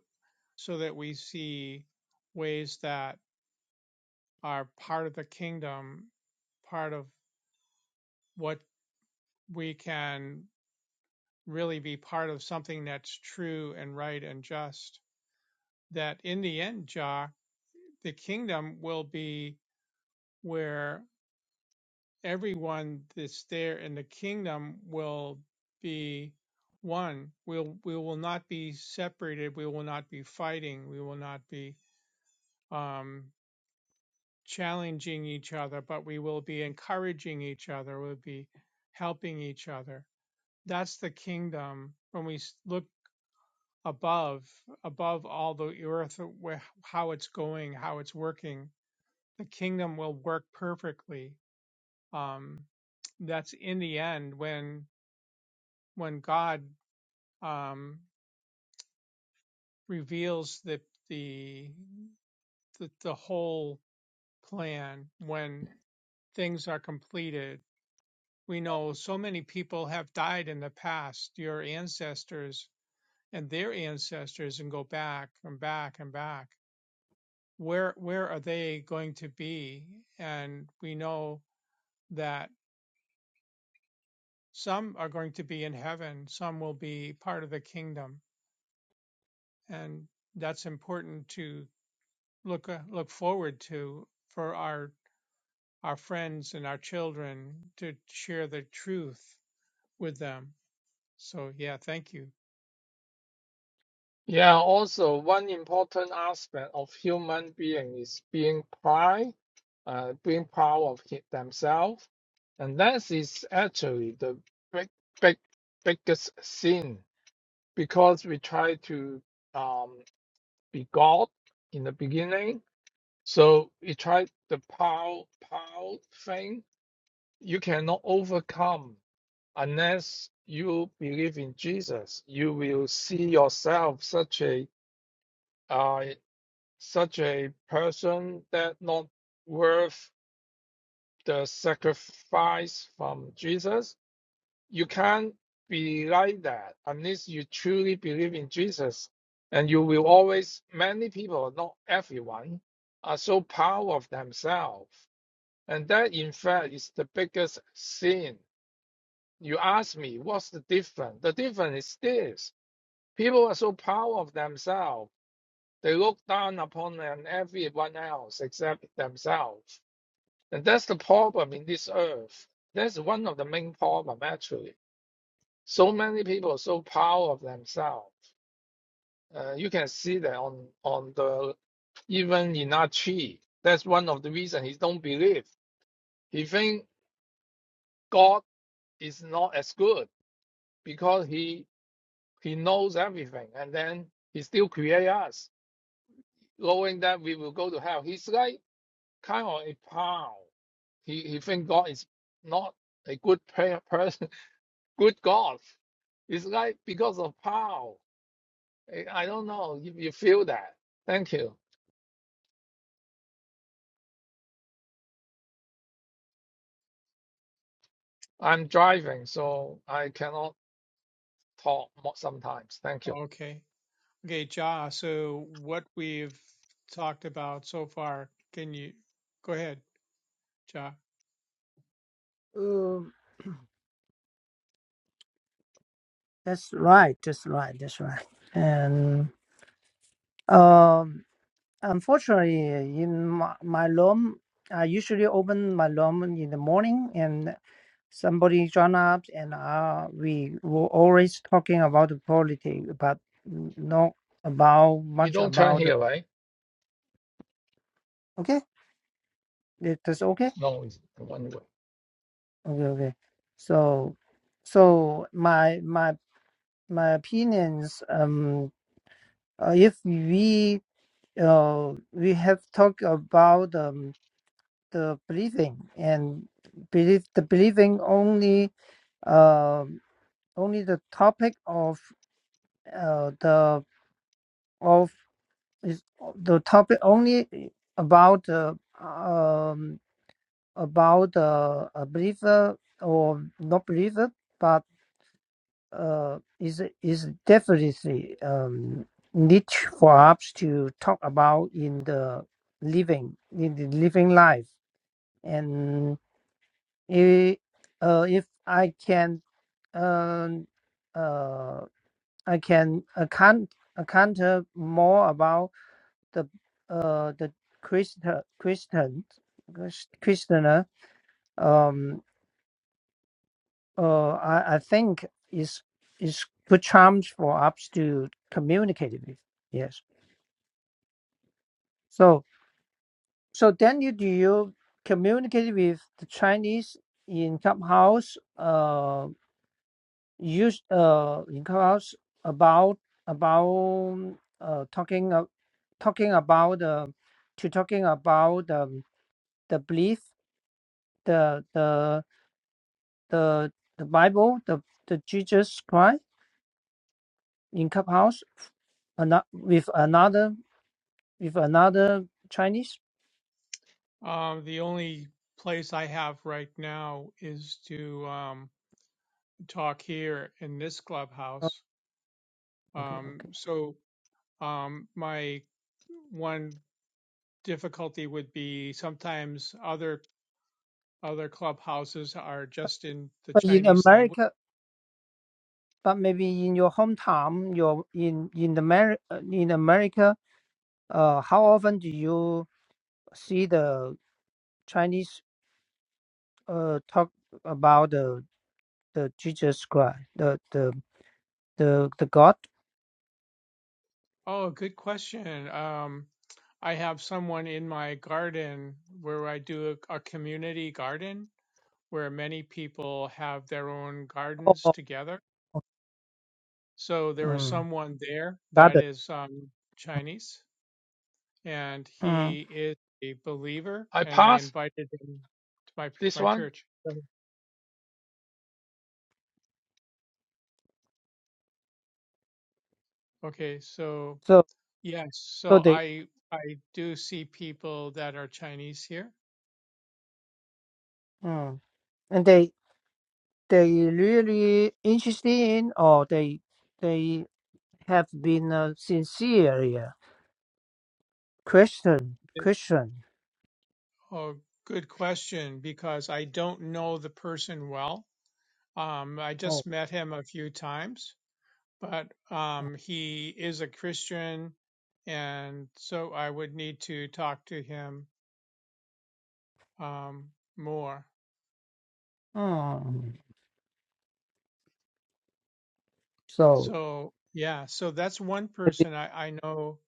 Speaker 1: so that we see ways that are part of the kingdom, part of what we can really be part of something that's true and right and just. That in the end, Jock, the kingdom will be where everyone that's there in the kingdom will be one. We'll, we will not be separated. We will not be fighting. We will not be. um, challenging each other, but we will be encouraging each other, we'll be helping each other. That's the kingdom when we look above, above all the earth, how it's going, how it's working. The kingdom will work perfectly. Um, that's in the end when when God um, reveals the, the the the whole plan when things are completed We know so many people have died in the past, your ancestors and their ancestors, and go back and back and back. Where where are they going to be? And we know that some are going to be in heaven, some will be part of the kingdom, and that's important to look uh, look forward to for our our friends and our children to share the truth with them. So yeah, thank you.
Speaker 2: Yeah. Also, one important aspect of human being is being pride, uh, being proud of hi- themselves, and that is actually the big, big, biggest sin because we try to um, be God in the beginning. So we try the proud, proud thing. You cannot overcome. Unless you believe in Jesus, you will see yourself such a uh, such a person that not worth the sacrifice from Jesus. You can't be like that unless you truly believe in Jesus, and you will always. Many people, not everyone, are so proud of themselves, and that in fact is the biggest sin. You ask me, what's the difference? The difference is this. People are so proud of themselves. They look down upon everyone else except themselves. And that's the problem in this earth. That's one of the main problem actually. So many people are so proud of themselves. Uh, you can see that on on the even Inachi. That's one of the reasons he don't believe. He think God is not as good because he he knows everything, and then he still create us, knowing that we will go to hell. He's like kind of a pal. He he think God is not a good prayer person, good God. It's like because of power. I don't know if you feel that. Thank you. I'm driving, so I cannot talk sometimes. Thank you.
Speaker 1: Okay. Okay, Ja, so what we've talked about so far, can you go ahead, Ja?
Speaker 3: uh, that's right that's right that's right and um Unfortunately, in my, my room, I usually open my room in the morning and somebody join up and uh, we were always talking about the politics, but n- not about
Speaker 2: We
Speaker 3: much
Speaker 2: don't turn
Speaker 3: about the,
Speaker 2: here, right?
Speaker 3: okay, That- that's okay,
Speaker 2: No, it's one way.
Speaker 3: okay, okay. So, so my my my opinions. Um, uh, if we uh we have talked about um the believing and believe the believing only uh, only the topic of uh, the of is the topic only about uh, um, about uh, a believer or not believer, but uh, is is definitely um, niche for us to talk about in the living in the living life and. It, uh, if I can Um. uh, I can account account more about the uh the Christian Christian Christianer. Um, uh, I I think is is good chance for us to communicate with. Yes. So so then you do you communicate with the Chinese in clubhouse? Uh, use uh in class about about uh talking uh, talking about uh, to talking about um, the belief the the the the Bible the the Jesus Christ in clubhouse ano- with another with another Chinese.
Speaker 1: Um, the only place I have right now is to um, talk here in this
Speaker 3: Oh,
Speaker 1: clubhouse.
Speaker 3: okay,
Speaker 1: Um,
Speaker 3: okay.
Speaker 1: so um, my one difficulty would be sometimes other other clubhouses are just in the
Speaker 3: But in
Speaker 1: Chinese language.
Speaker 3: America, but maybe in your hometown, your in in the Ameri- uh, in America, uh, how often do you see the Chinese? uh talk about the the Jesus Christ, the the the the God
Speaker 1: Oh, good question. Um, I have someone in my garden where I do a, a community garden where many people have their own gardens
Speaker 3: or
Speaker 1: together. So there was
Speaker 3: um
Speaker 1: someone there
Speaker 3: God.
Speaker 1: that is um, Chinese, and
Speaker 3: Mm.
Speaker 1: he is a believer,
Speaker 2: I
Speaker 1: and I
Speaker 2: pass
Speaker 1: invited him to my
Speaker 2: this
Speaker 1: my
Speaker 2: one.
Speaker 1: church. Okay, so
Speaker 3: So
Speaker 1: yes, so
Speaker 3: so they
Speaker 1: I I do see people that are Chinese here.
Speaker 3: mm. and they they really interested in or they they have been uh, sincere yeah. Christian Christian.
Speaker 1: Oh, good question, because I don't know the person well. Um, I
Speaker 3: Oh,
Speaker 1: just met him a few times, but um, he is a Christian, and so I would need to talk to him um, more.
Speaker 3: mm. so
Speaker 1: So, yeah, so that's one
Speaker 3: it is
Speaker 1: person I, I know.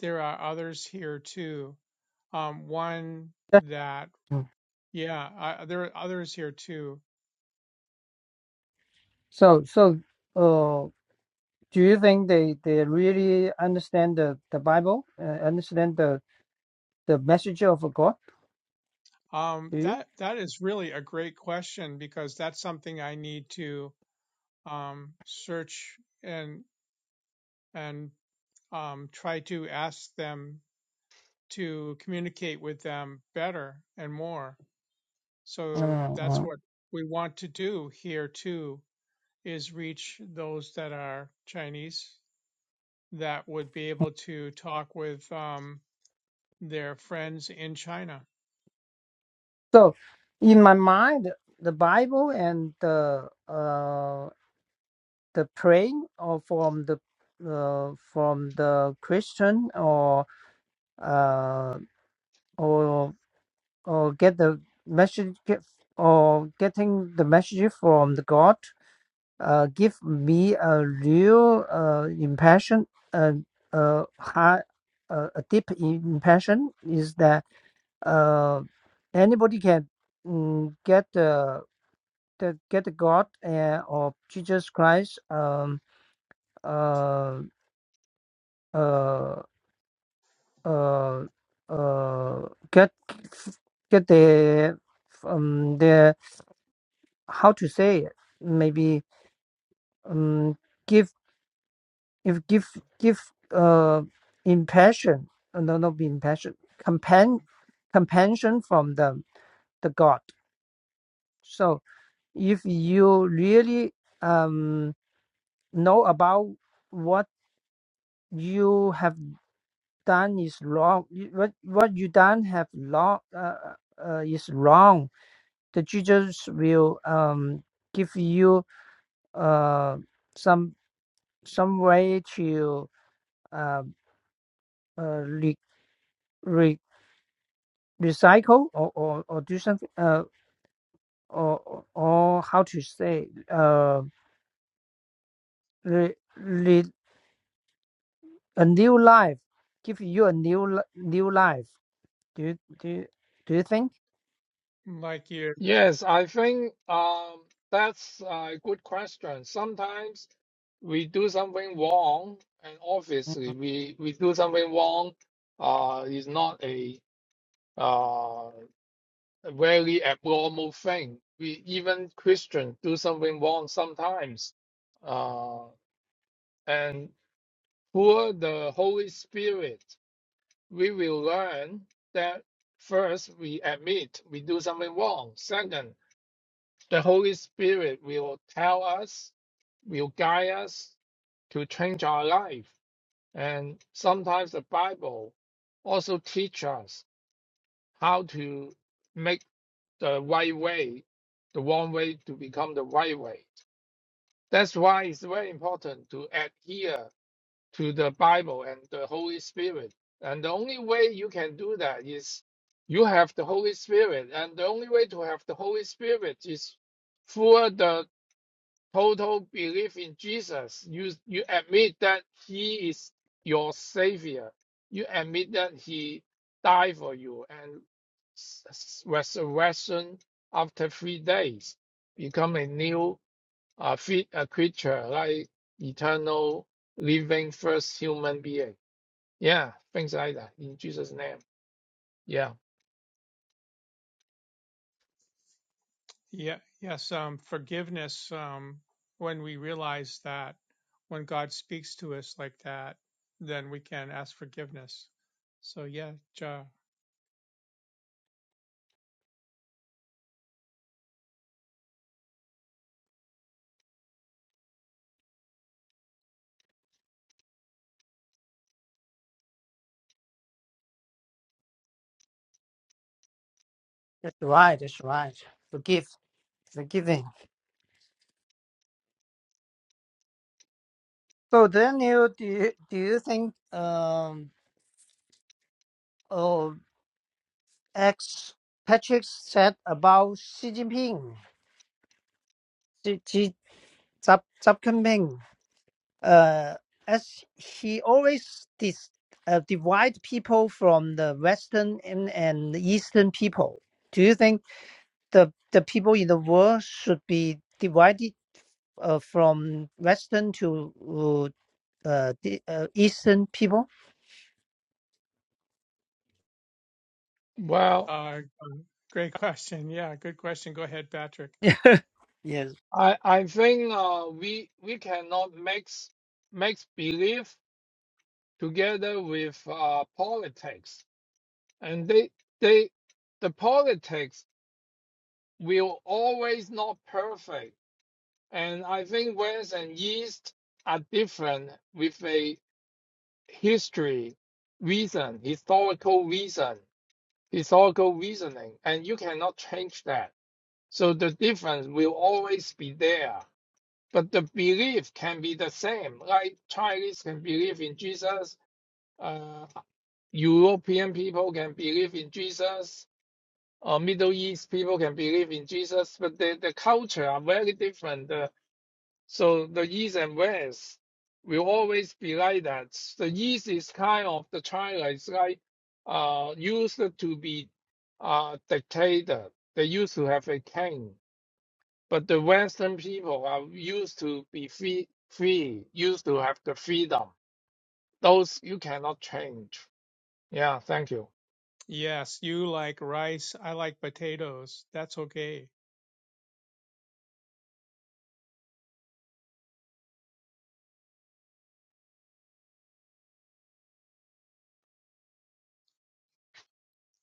Speaker 1: There are others here too. Um, one
Speaker 3: that-
Speaker 1: that,
Speaker 3: mm.
Speaker 1: yeah, I, there are others here too.
Speaker 3: so so uh. Do you think they, they really understand the, the Bible, uh, understand the, the message of God?
Speaker 1: Um,
Speaker 3: Do you?
Speaker 1: that that is really a great question because that's something I need to um, search and and um, try to ask them to communicate with them better and more. So that's
Speaker 3: Uh-huh.
Speaker 1: what we want to do here too is reach those that are Chinese that would be able to talk with um, their friends in China,
Speaker 3: So, in my mind, the Bible and the uh, the praying or from the uh, from the Christian or uh, or or get the message get, or getting the message from the God uh, give me a real uh, impression uh, uh, high, uh, a deep impression is that uh, anybody can mm, get the, the get the God uh, of Jesus Christ um uh uh uh uh get get the um the how to say it maybe um give if give give uh impression uh, no not impression companion compassion from the the God so if you really um, know about what you have done is wrong, you- what what you done have wrong uh, uh, is wrong, the teachers will um, give you uh, some some way to uh, uh, re, re, recycle or, or, or do something uh, or or or how to say uh, re, A new life, give you a new li- new life. Do you, do you, do you think?
Speaker 1: like you.
Speaker 2: Yes, I think um, that's a good question. Sometimes we do something wrong, and
Speaker 3: Mm,
Speaker 2: obviously we, we do something wrong uh, is not a uh, a very abnormal thing. We even Christians do something wrong sometimes. Uh, and through the Holy Spirit, we will learn that first we admit we do something wrong. Second, The Holy Spirit will tell us, will guide us to change our life. And sometimes the Bible also teach us how to make the right way, the wrong way to become the right way. That's why it's very important to adhere to the Bible and the Holy Spirit. And the only way you can do that is you have the Holy Spirit. And the only way to have the Holy Spirit is through the total belief in Jesus. You you admit that He is your Savior. You admit that He died for you and resurrection after three days, become a new uh, fit a creature like eternal living first human being. Yeah, things like that in Jesus' name. Yeah.
Speaker 1: Yeah, yes, um, forgiveness, um, when we realize that when God speaks to us like that, then we can ask forgiveness. So yeah, ja,
Speaker 3: That's right. That's right. Forgive, forgiving. So then you do you, do you think um oh ex Patrick said about Xi Jinping, Xi Xi Zap Zap Jinping, uh, as he always dis, uh, divide people from the Western and, and Eastern people. Do you think? the the people in the world should be divided uh, from Western to uh, uh, the, uh, Eastern people.
Speaker 2: Well,
Speaker 1: uh, great question. Yeah, good question. Go ahead, Patrick.
Speaker 3: yes,
Speaker 2: I I think uh, we we cannot mix mix belief together with uh, politics, and they they the politics will always not perfect. And I think West and East are different with a history reason, historical reason, historical reasoning, and you cannot change that. So the difference will always be there. But the belief can be the same. Like Chinese can believe in Jesus, uh, European people can believe in Jesus, or Middle East people can believe in Jesus, but the, the culture are very different. Uh, so the East and West will always be like that. The East is kind of the China is like uh, used to be uh, dictator. They used to have a king, but the Western people are used to be free, free, used to have the freedom. Those you cannot change. Yeah, thank you.
Speaker 1: Yes, you like rice. I like potatoes. That's okay.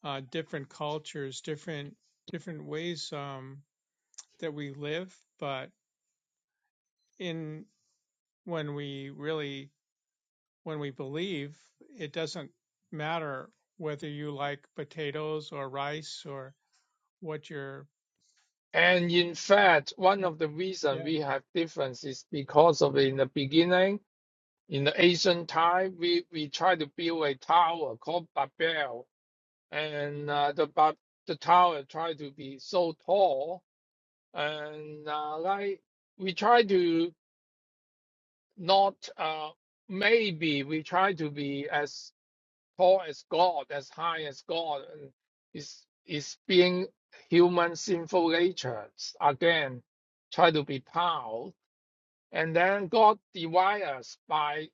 Speaker 1: Uh, different cultures, different different ways um, that we live, but in when we really when we believe, it doesn't matter whether you like potatoes or rice or what your
Speaker 2: And in fact, one of the reasons
Speaker 1: yeah
Speaker 2: we have difference is because of in the beginning, in the ancient time, we, we try to build a tower called Babel, and uh, the Ba- the tower tried to be so tall, and uh, like we try to not uh, maybe we try to be as tall as God, as high as God, and is is being human sinful nature again, try to be proud, and then God divides us by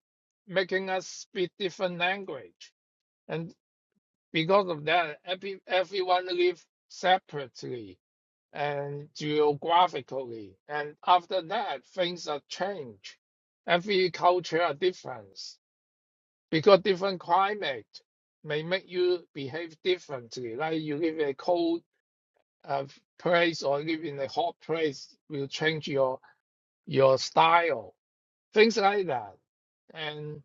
Speaker 2: making us speak different language, and because of that, every, everyone live separately and geographically, and after that things are changed. Every culture are different. Because different climate may make you behave differently. Like you live in a cold uh, place or live in a hot place will change your your style, things like that. And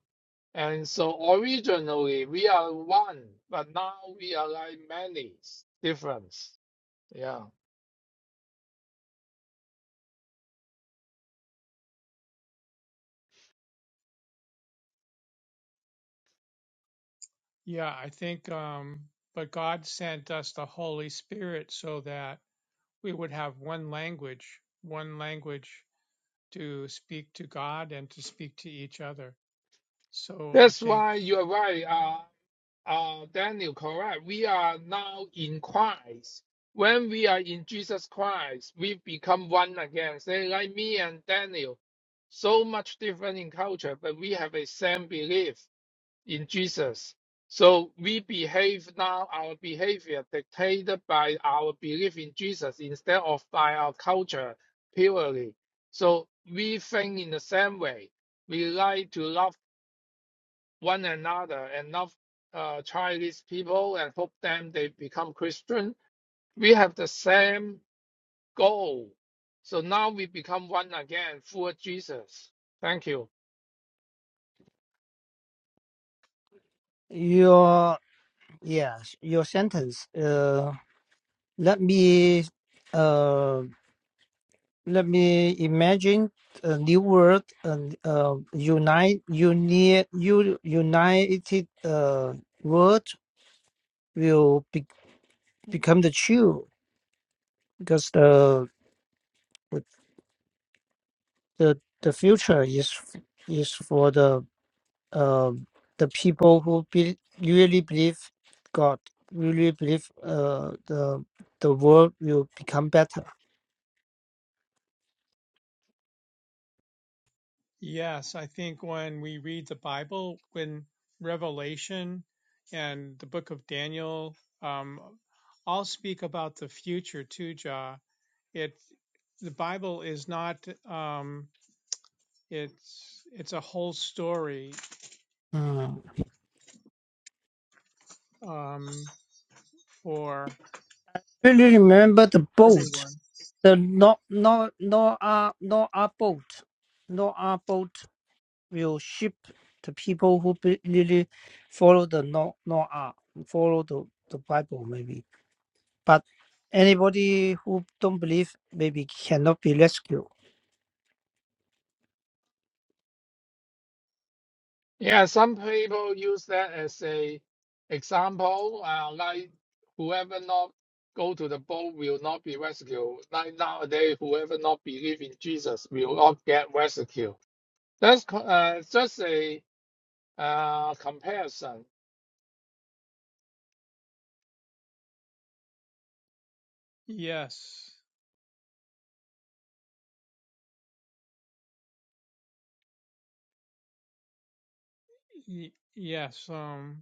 Speaker 2: and so originally we are one, but now we are like many difference. Yeah,
Speaker 1: yeah I think um but God sent us the Holy Spirit so that we would have one language one language to speak to God and to speak to each other so I
Speaker 2: that's
Speaker 1: think
Speaker 2: why you are right. Uh, uh, Daniel, correct. We are now in Christ. When we are in Jesus Christ, we become one again. Say like me and Daniel, so much different in culture, but we have a same belief in Jesus. So we behave now, our behavior dictated by our belief in Jesus instead of by our culture purely. So we think in the same way. We like to love one another and love uh, Chinese people and hope them they become Christian. We have the same goal. So now we become one again for Jesus. Thank you.
Speaker 3: your yes your sentence. Uh, let me uh, let me imagine a new world and uh, unite uni, u, united uh, world will be, become the true because the the the future is f- is for the uh, the people who be, really believe God, really believe uh, the the world will become better.
Speaker 1: Yes, I think when we read the Bible, when Revelation and the book of Daniel um, all speak about the future too, Jah. It the Bible is not um, it's it's a whole story
Speaker 3: Mm.
Speaker 1: um, for
Speaker 3: Really remember the boat,
Speaker 1: everyone.
Speaker 3: the no no no uh no our boat, no our boat will ship the people who be, really follow the no no uh, follow the the Bible maybe, but anybody who don't believe maybe cannot be rescued.
Speaker 2: Yeah, some people use that as a example, uh, like whoever not go to the boat will not be rescued. Like nowadays, whoever not believe in Jesus will not get rescued. That's co- uh, just a uh, comparison
Speaker 1: Yes, y- yes. Um,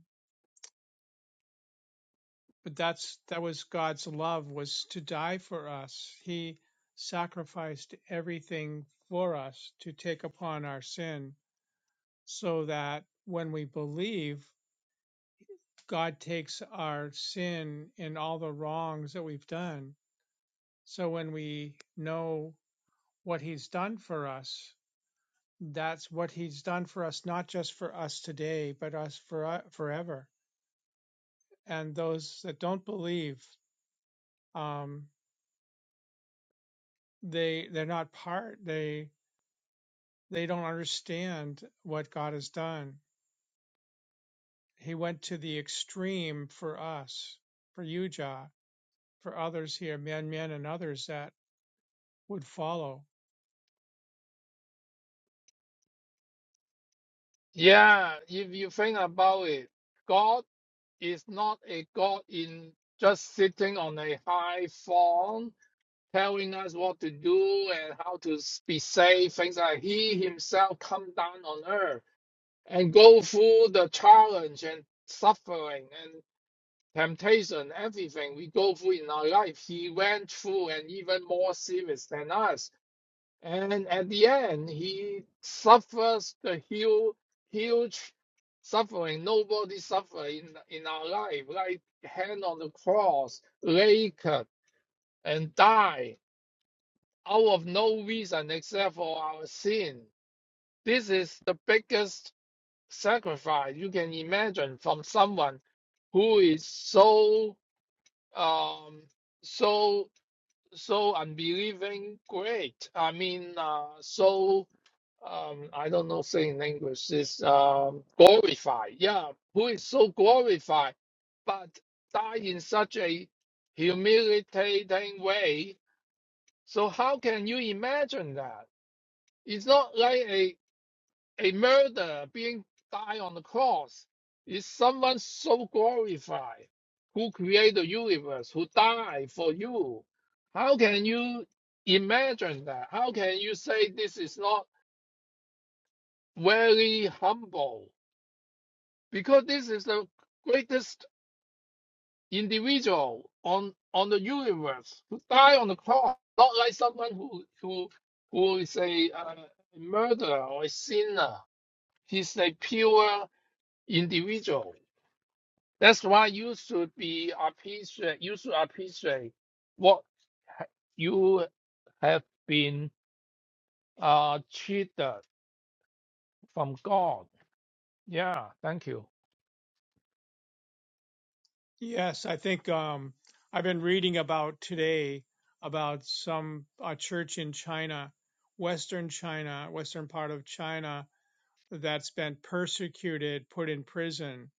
Speaker 1: but that's that was God's love was to die for us. He sacrificed everything for us to take upon our sin so that when we believe God takes our sin and all the wrongs that we've done. So when we know what he's done for us, that's what he's done for us not just for us today, but us for uh, forever. And those that don't believe um they they're not part they They don't understand what God has done. He went to the extreme for us, for you, Jah, for others here, men, men, and others that would follow.
Speaker 2: Yeah, if you think about it, God is not a God in just sitting on a high throne, telling us what to do and how to s- be safe, things like He Himself come down on earth and go through the challenge and suffering and temptation, everything we go through in our life. He went through and even more serious than us. And at the end, he suffers the huge, huge suffering nobody suffer in, in our life, like hang on the cross, naked, and die out of no reason except for our sin. This is the biggest sacrifice you can imagine from someone who is so um so so unbelieving great. I mean, uh, so um, I don't know say in English is um, glorified. Yeah, who is so glorified, but die in such a humiliating way. So how can you imagine that? It's not like a a murder being died on the cross. It's someone so glorified who created the universe, who died for you. How can you imagine that? How can you say this is not very humble? because this is the greatest individual on on the universe who died on the cross, not like someone who who who is a, uh, murderer or a sinner. He's a pure individual. That's why you should be appreciate. You should appreciate what you have been uh, treated from God. Yeah, thank you.
Speaker 1: Yes, I think um, I've been reading about today about some a church in China, Western China, Western part of China that's been persecuted, put in prison.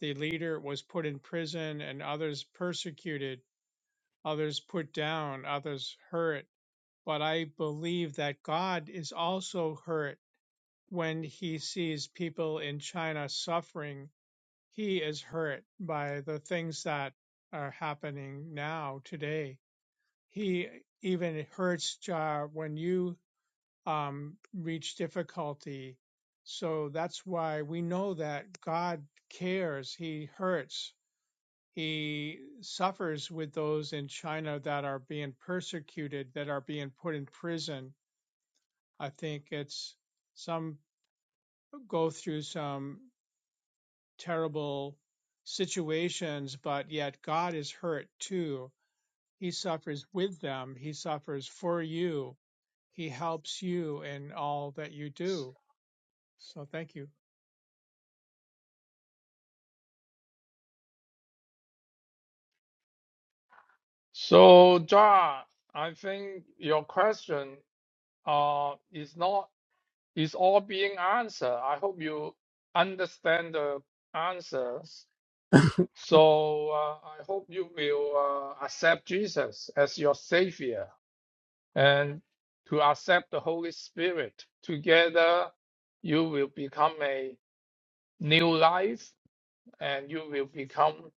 Speaker 1: The leader was put in prison, and others persecuted, others put down, others hurt but I believe that God is also hurt when he sees people in China suffering. He is hurt by the things that are happening now today. He even hurts Jar when you um, reach difficulty. So that's why we know that God cares. He hurts. He suffers with those in China that are being persecuted, that are being put in prison I think it's some go through some terrible situations, but yet God is hurt too. He suffers with them, He suffers for you, He helps you in all that you do. So thank you.
Speaker 2: So, John, I think your question uh, is not, is all being answered. I hope you understand the answers. So uh, I hope you will uh, accept Jesus as your Savior and to accept the Holy Spirit. Together, you will become a new life and you will become,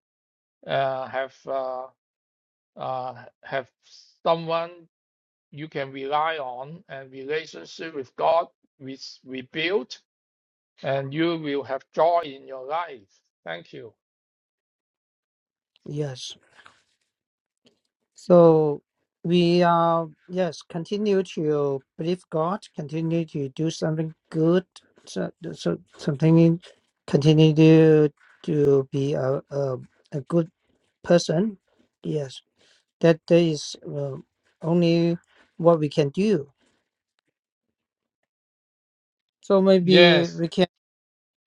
Speaker 2: uh, have, uh, uh, have someone you can rely on and relationship with God which we built and you will have joy in your life. Thank you.
Speaker 3: Yes. So we uh yes, continue to believe God, continue to do something good, so, so something in- continue to to be a a, a good person. Yes, that that is uh, only what we can do. So maybe
Speaker 2: Yes,
Speaker 3: we can,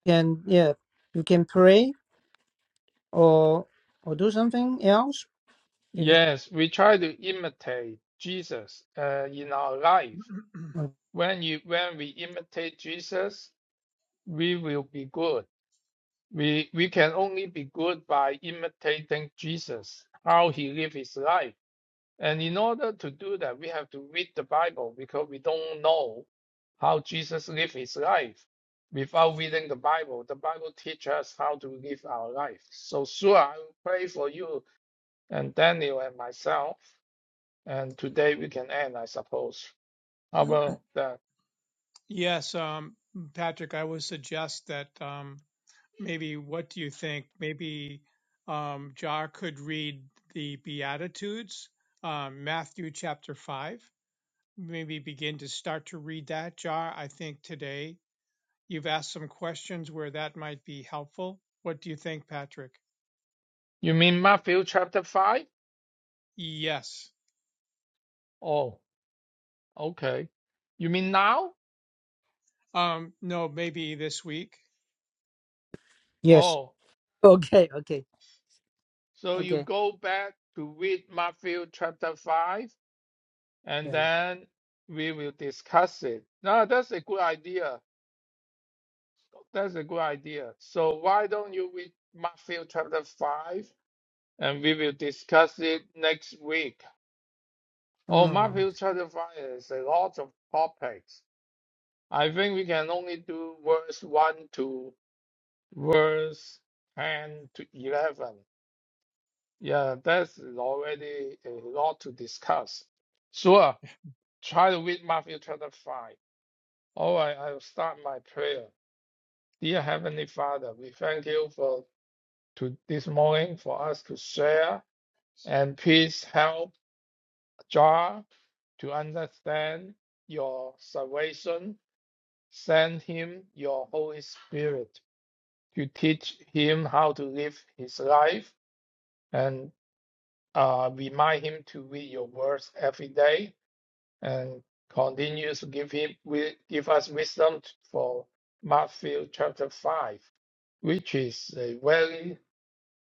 Speaker 3: can yeah, you can pray or or do something else because
Speaker 2: yes, we try to imitate Jesus uh, in our life.
Speaker 3: mm,
Speaker 2: When you when we imitate Jesus, we will be good. We we can only be good by imitating Jesus, how he lived his life. And in order to do that, we have to read the Bible because we don't know how Jesus lived his life. Without reading the Bible, the Bible teaches us how to live our life. So, sure, I will pray for you and Daniel and myself. And today we can end, I suppose. How about that?
Speaker 1: yes, um, Patrick, I would suggest that um, maybe what do you think? Maybe um, Jar could read the Beatitudes, um, Matthew chapter 5. maybe begin to start to read that, Jar. I think today you've asked some questions where that might be helpful. What do you think, Patrick?
Speaker 2: You mean Matthew chapter 5?
Speaker 1: Yes.
Speaker 2: Oh, okay. You mean now?
Speaker 1: Um, no, maybe this week.
Speaker 3: yes.
Speaker 2: Oh,
Speaker 3: Okay, okay,
Speaker 2: so you
Speaker 3: okay.
Speaker 2: go back to read Matthew chapter 5 and
Speaker 3: Yeah. yeah.
Speaker 2: then we will discuss it. No, that's a good idea. That's a good idea. So why don't you read Matthew chapter five, and we will discuss it next week. Oh,
Speaker 3: Mm.
Speaker 2: Matthew chapter five is a lot of topics. I think we can only do verse one to verse ten to eleven. Yeah, that's already a lot to discuss. Sure, try to read Matthew chapter five. All right, I'll start my prayer. Dear Heavenly Father, we thank you for to this morning for us to share and please help Jar to understand your salvation. Send him your Holy Spirit to teach him how to live his life and uh, remind him to read your words every day and continue to give him give us wisdom for Matthew chapter five, which is a very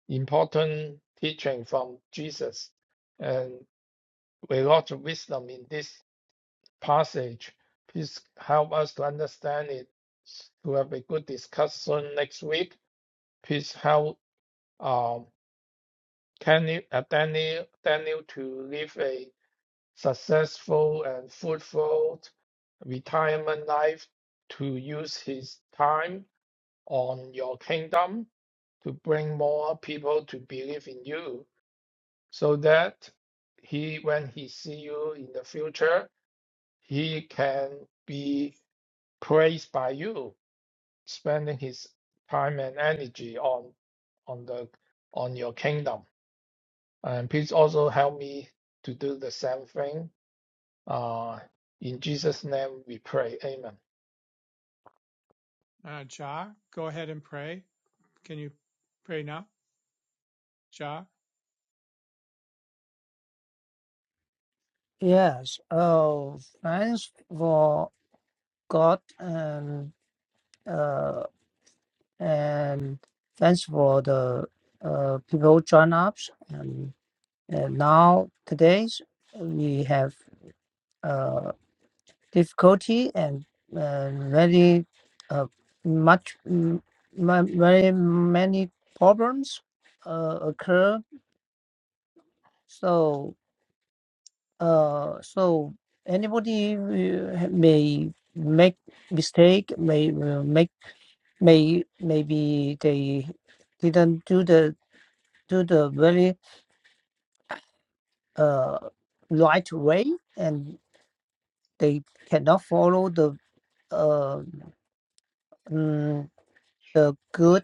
Speaker 2: important teaching from Jesus. And with lots of wisdom in this passage. Please help us to understand it, to have a good discussion next week. Please help um, Kenny, uh, Daniel, Daniel to live a successful and fruitful retirement life, to use his time on your kingdom, to bring more people to believe in you so that he when he see you in the future he can be praised by you spending his time and energy on on the on your kingdom and please also help me to do the same thing uh, in Jesus' name we pray. Amen.
Speaker 1: Uh, Jar, go ahead and pray. Can you pray now, Jar?
Speaker 3: Yes. Oh, thanks for God and uh and thanks for the uh people join ups and and now today's we have uh. difficulty and uh, very uh, much m- ma- very many problems uh, occur so uh, so anybody uh, may make mistake may will make may maybe they didn't do the do the very uh, right way and they cannot follow the uh, mm, the good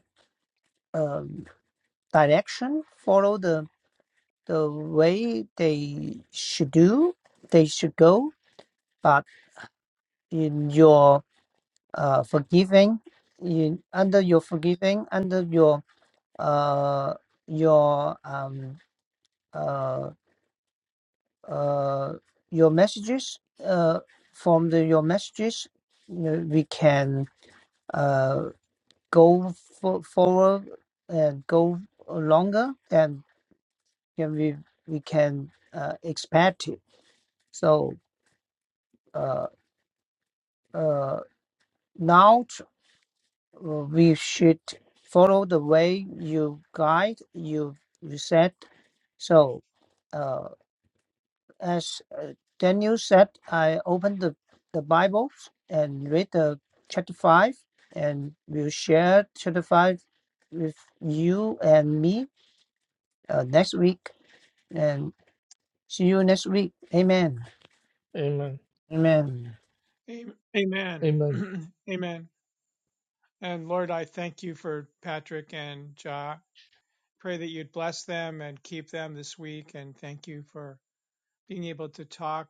Speaker 3: um, direction, follow the the way they should do, they should go. But in your uh, forgiving, in under your forgiving, under your uh, your um, uh, uh, your messages uh, from the, your messages, you know, we can uh, go for, forward and go longer than than we we can uh, expect it. So uh, uh, now uh, we should follow the way you guide you you said so uh, as uh, daniel said i opened the, the bible and read the chapter 5 and we'll share chapter 5 with you and me uh, next week and see you next week amen
Speaker 2: Amen.
Speaker 3: amen
Speaker 1: Am- Amen.
Speaker 2: Amen.
Speaker 1: Amen. And Lord, I thank you for Patrick and Jar. Pray that you'd bless them and keep them this week. And thank you for being able to talk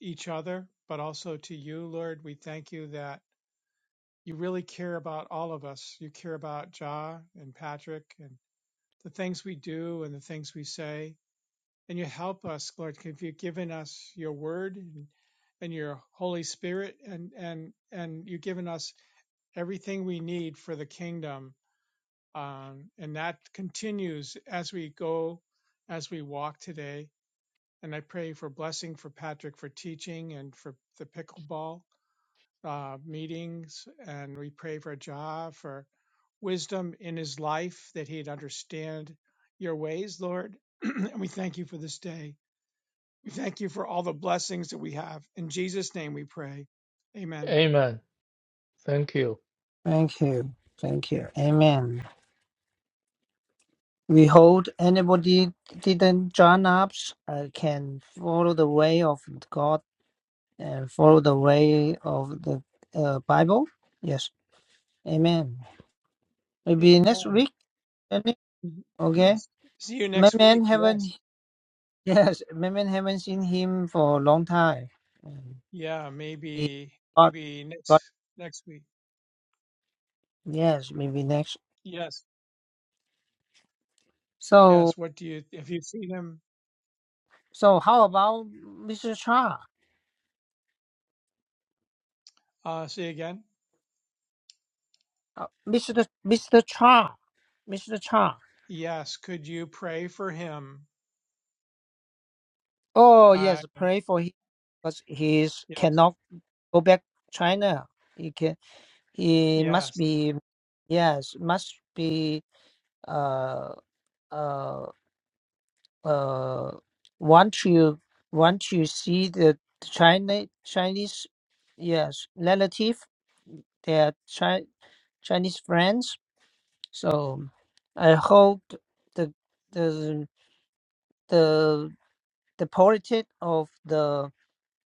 Speaker 1: each other, but also to you, Lord. We thank you that you really care about all of us. You care about Ja and Patrick and the things we do and the things we say. And you help us, Lord, if you've given us your word and, and your Holy Spirit and, and, and you've given us everything we need for the kingdom. Um, and that continues as we go, as we walk today. And I pray for blessing for Patrick for teaching and for the pickleball uh, meetings. And we pray for Ja for wisdom in his life that he'd understand your ways, Lord. and we thank you for this day. We thank you for all the blessings that we have. In Jesus' name we pray. Amen.
Speaker 2: Amen. Thank you.
Speaker 3: thank you thank you amen We hold anybody didn't join us uh, can follow the way of God and follow the way of the uh, Bible. Yes, Amen. Maybe
Speaker 1: Amen.
Speaker 3: next week. Jenny, Okay,
Speaker 1: See you
Speaker 3: my
Speaker 1: next week.
Speaker 3: man haven't
Speaker 1: Yes.
Speaker 3: yes, my man haven't seen him for a long time. And
Speaker 1: Yeah,
Speaker 3: He
Speaker 1: maybe
Speaker 3: got
Speaker 1: maybe next
Speaker 3: got
Speaker 1: next week.
Speaker 3: yes, maybe next.
Speaker 1: Yes.
Speaker 3: So
Speaker 1: Yes. What do you if you see him
Speaker 3: so how about Mr. Cha,
Speaker 1: uh say again?
Speaker 3: Uh, Mr. Mr. Cha, Mr. Cha?
Speaker 1: Yes. Could you pray for him?
Speaker 3: Oh
Speaker 1: Uh
Speaker 3: yes, pray for him because he is,
Speaker 1: yes.
Speaker 3: cannot go back to China. He can. He must
Speaker 1: Yes.
Speaker 3: be. Yes, must be. Uh, uh, uh. Want to want to see the China Chinese. Yes, relative. Their Chi- Chinese friends. So, I hope the the the the politic of the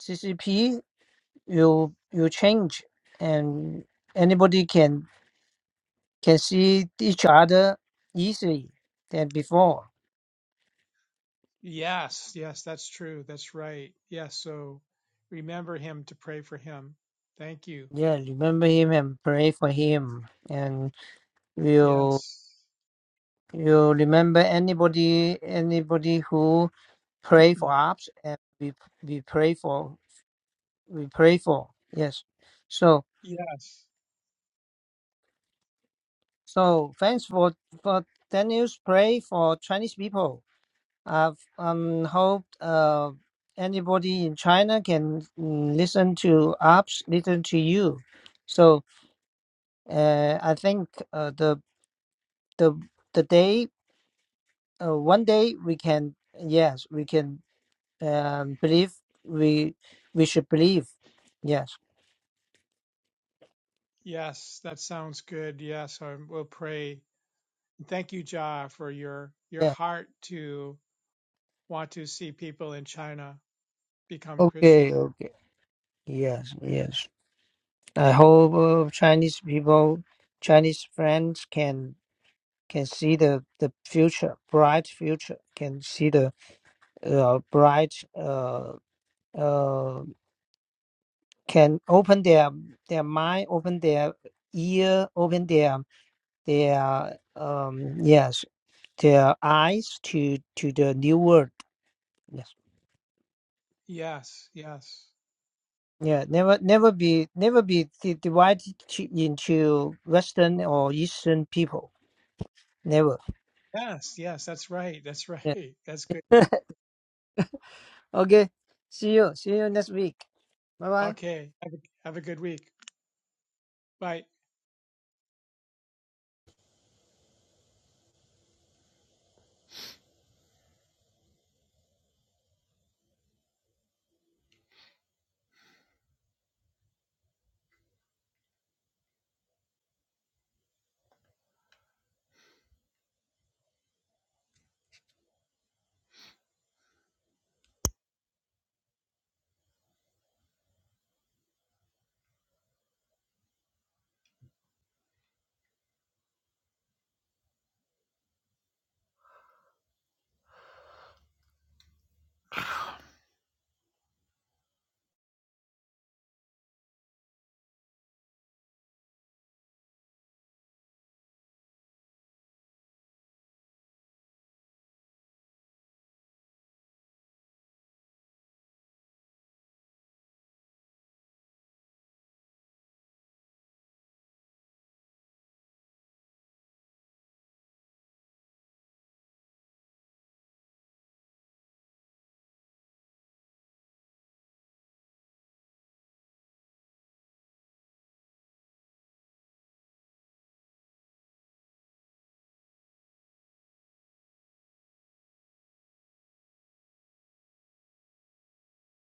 Speaker 3: CCP you you change and anybody can can see each other easily than before
Speaker 1: Yes, yes, that's true. That's right. Yes, so remember him to pray for him. Thank you.
Speaker 3: yeah remember him and pray for him and you
Speaker 1: Yes,
Speaker 3: you remember anybody anybody who pray for us and we we pray for we pray for yes so
Speaker 1: yes,
Speaker 3: so thanks for for daniel's pray for chinese people I've um hoped uh anybody in China can mm, listen to apps, listen to you. So uh, I think uh, the the the day uh, one day we can yes we can um, believe we we should believe yes
Speaker 1: yes. That sounds good. Yes, I will pray. Thank you, Jah, for your your
Speaker 3: yeah
Speaker 1: heart to want to see people in China become
Speaker 3: okay
Speaker 1: Christian.
Speaker 3: okay yes yes I hope uh, Chinese people Chinese friends can can see the the future bright future can see the uh, bright uh, uh, can open their their mind, open their ear, open their their um, yes, their eyes to to the new world. Yes.
Speaker 1: Yes, yes,
Speaker 3: Yeah, never, never be, never be di- divided to- into Western or Eastern people. Never.
Speaker 1: yes, yes. That's right. That's
Speaker 3: Yeah.
Speaker 1: right. That's good.
Speaker 3: Okay. See you. See you next week. Bye bye.
Speaker 1: Okay. Have a, have a good week. Bye.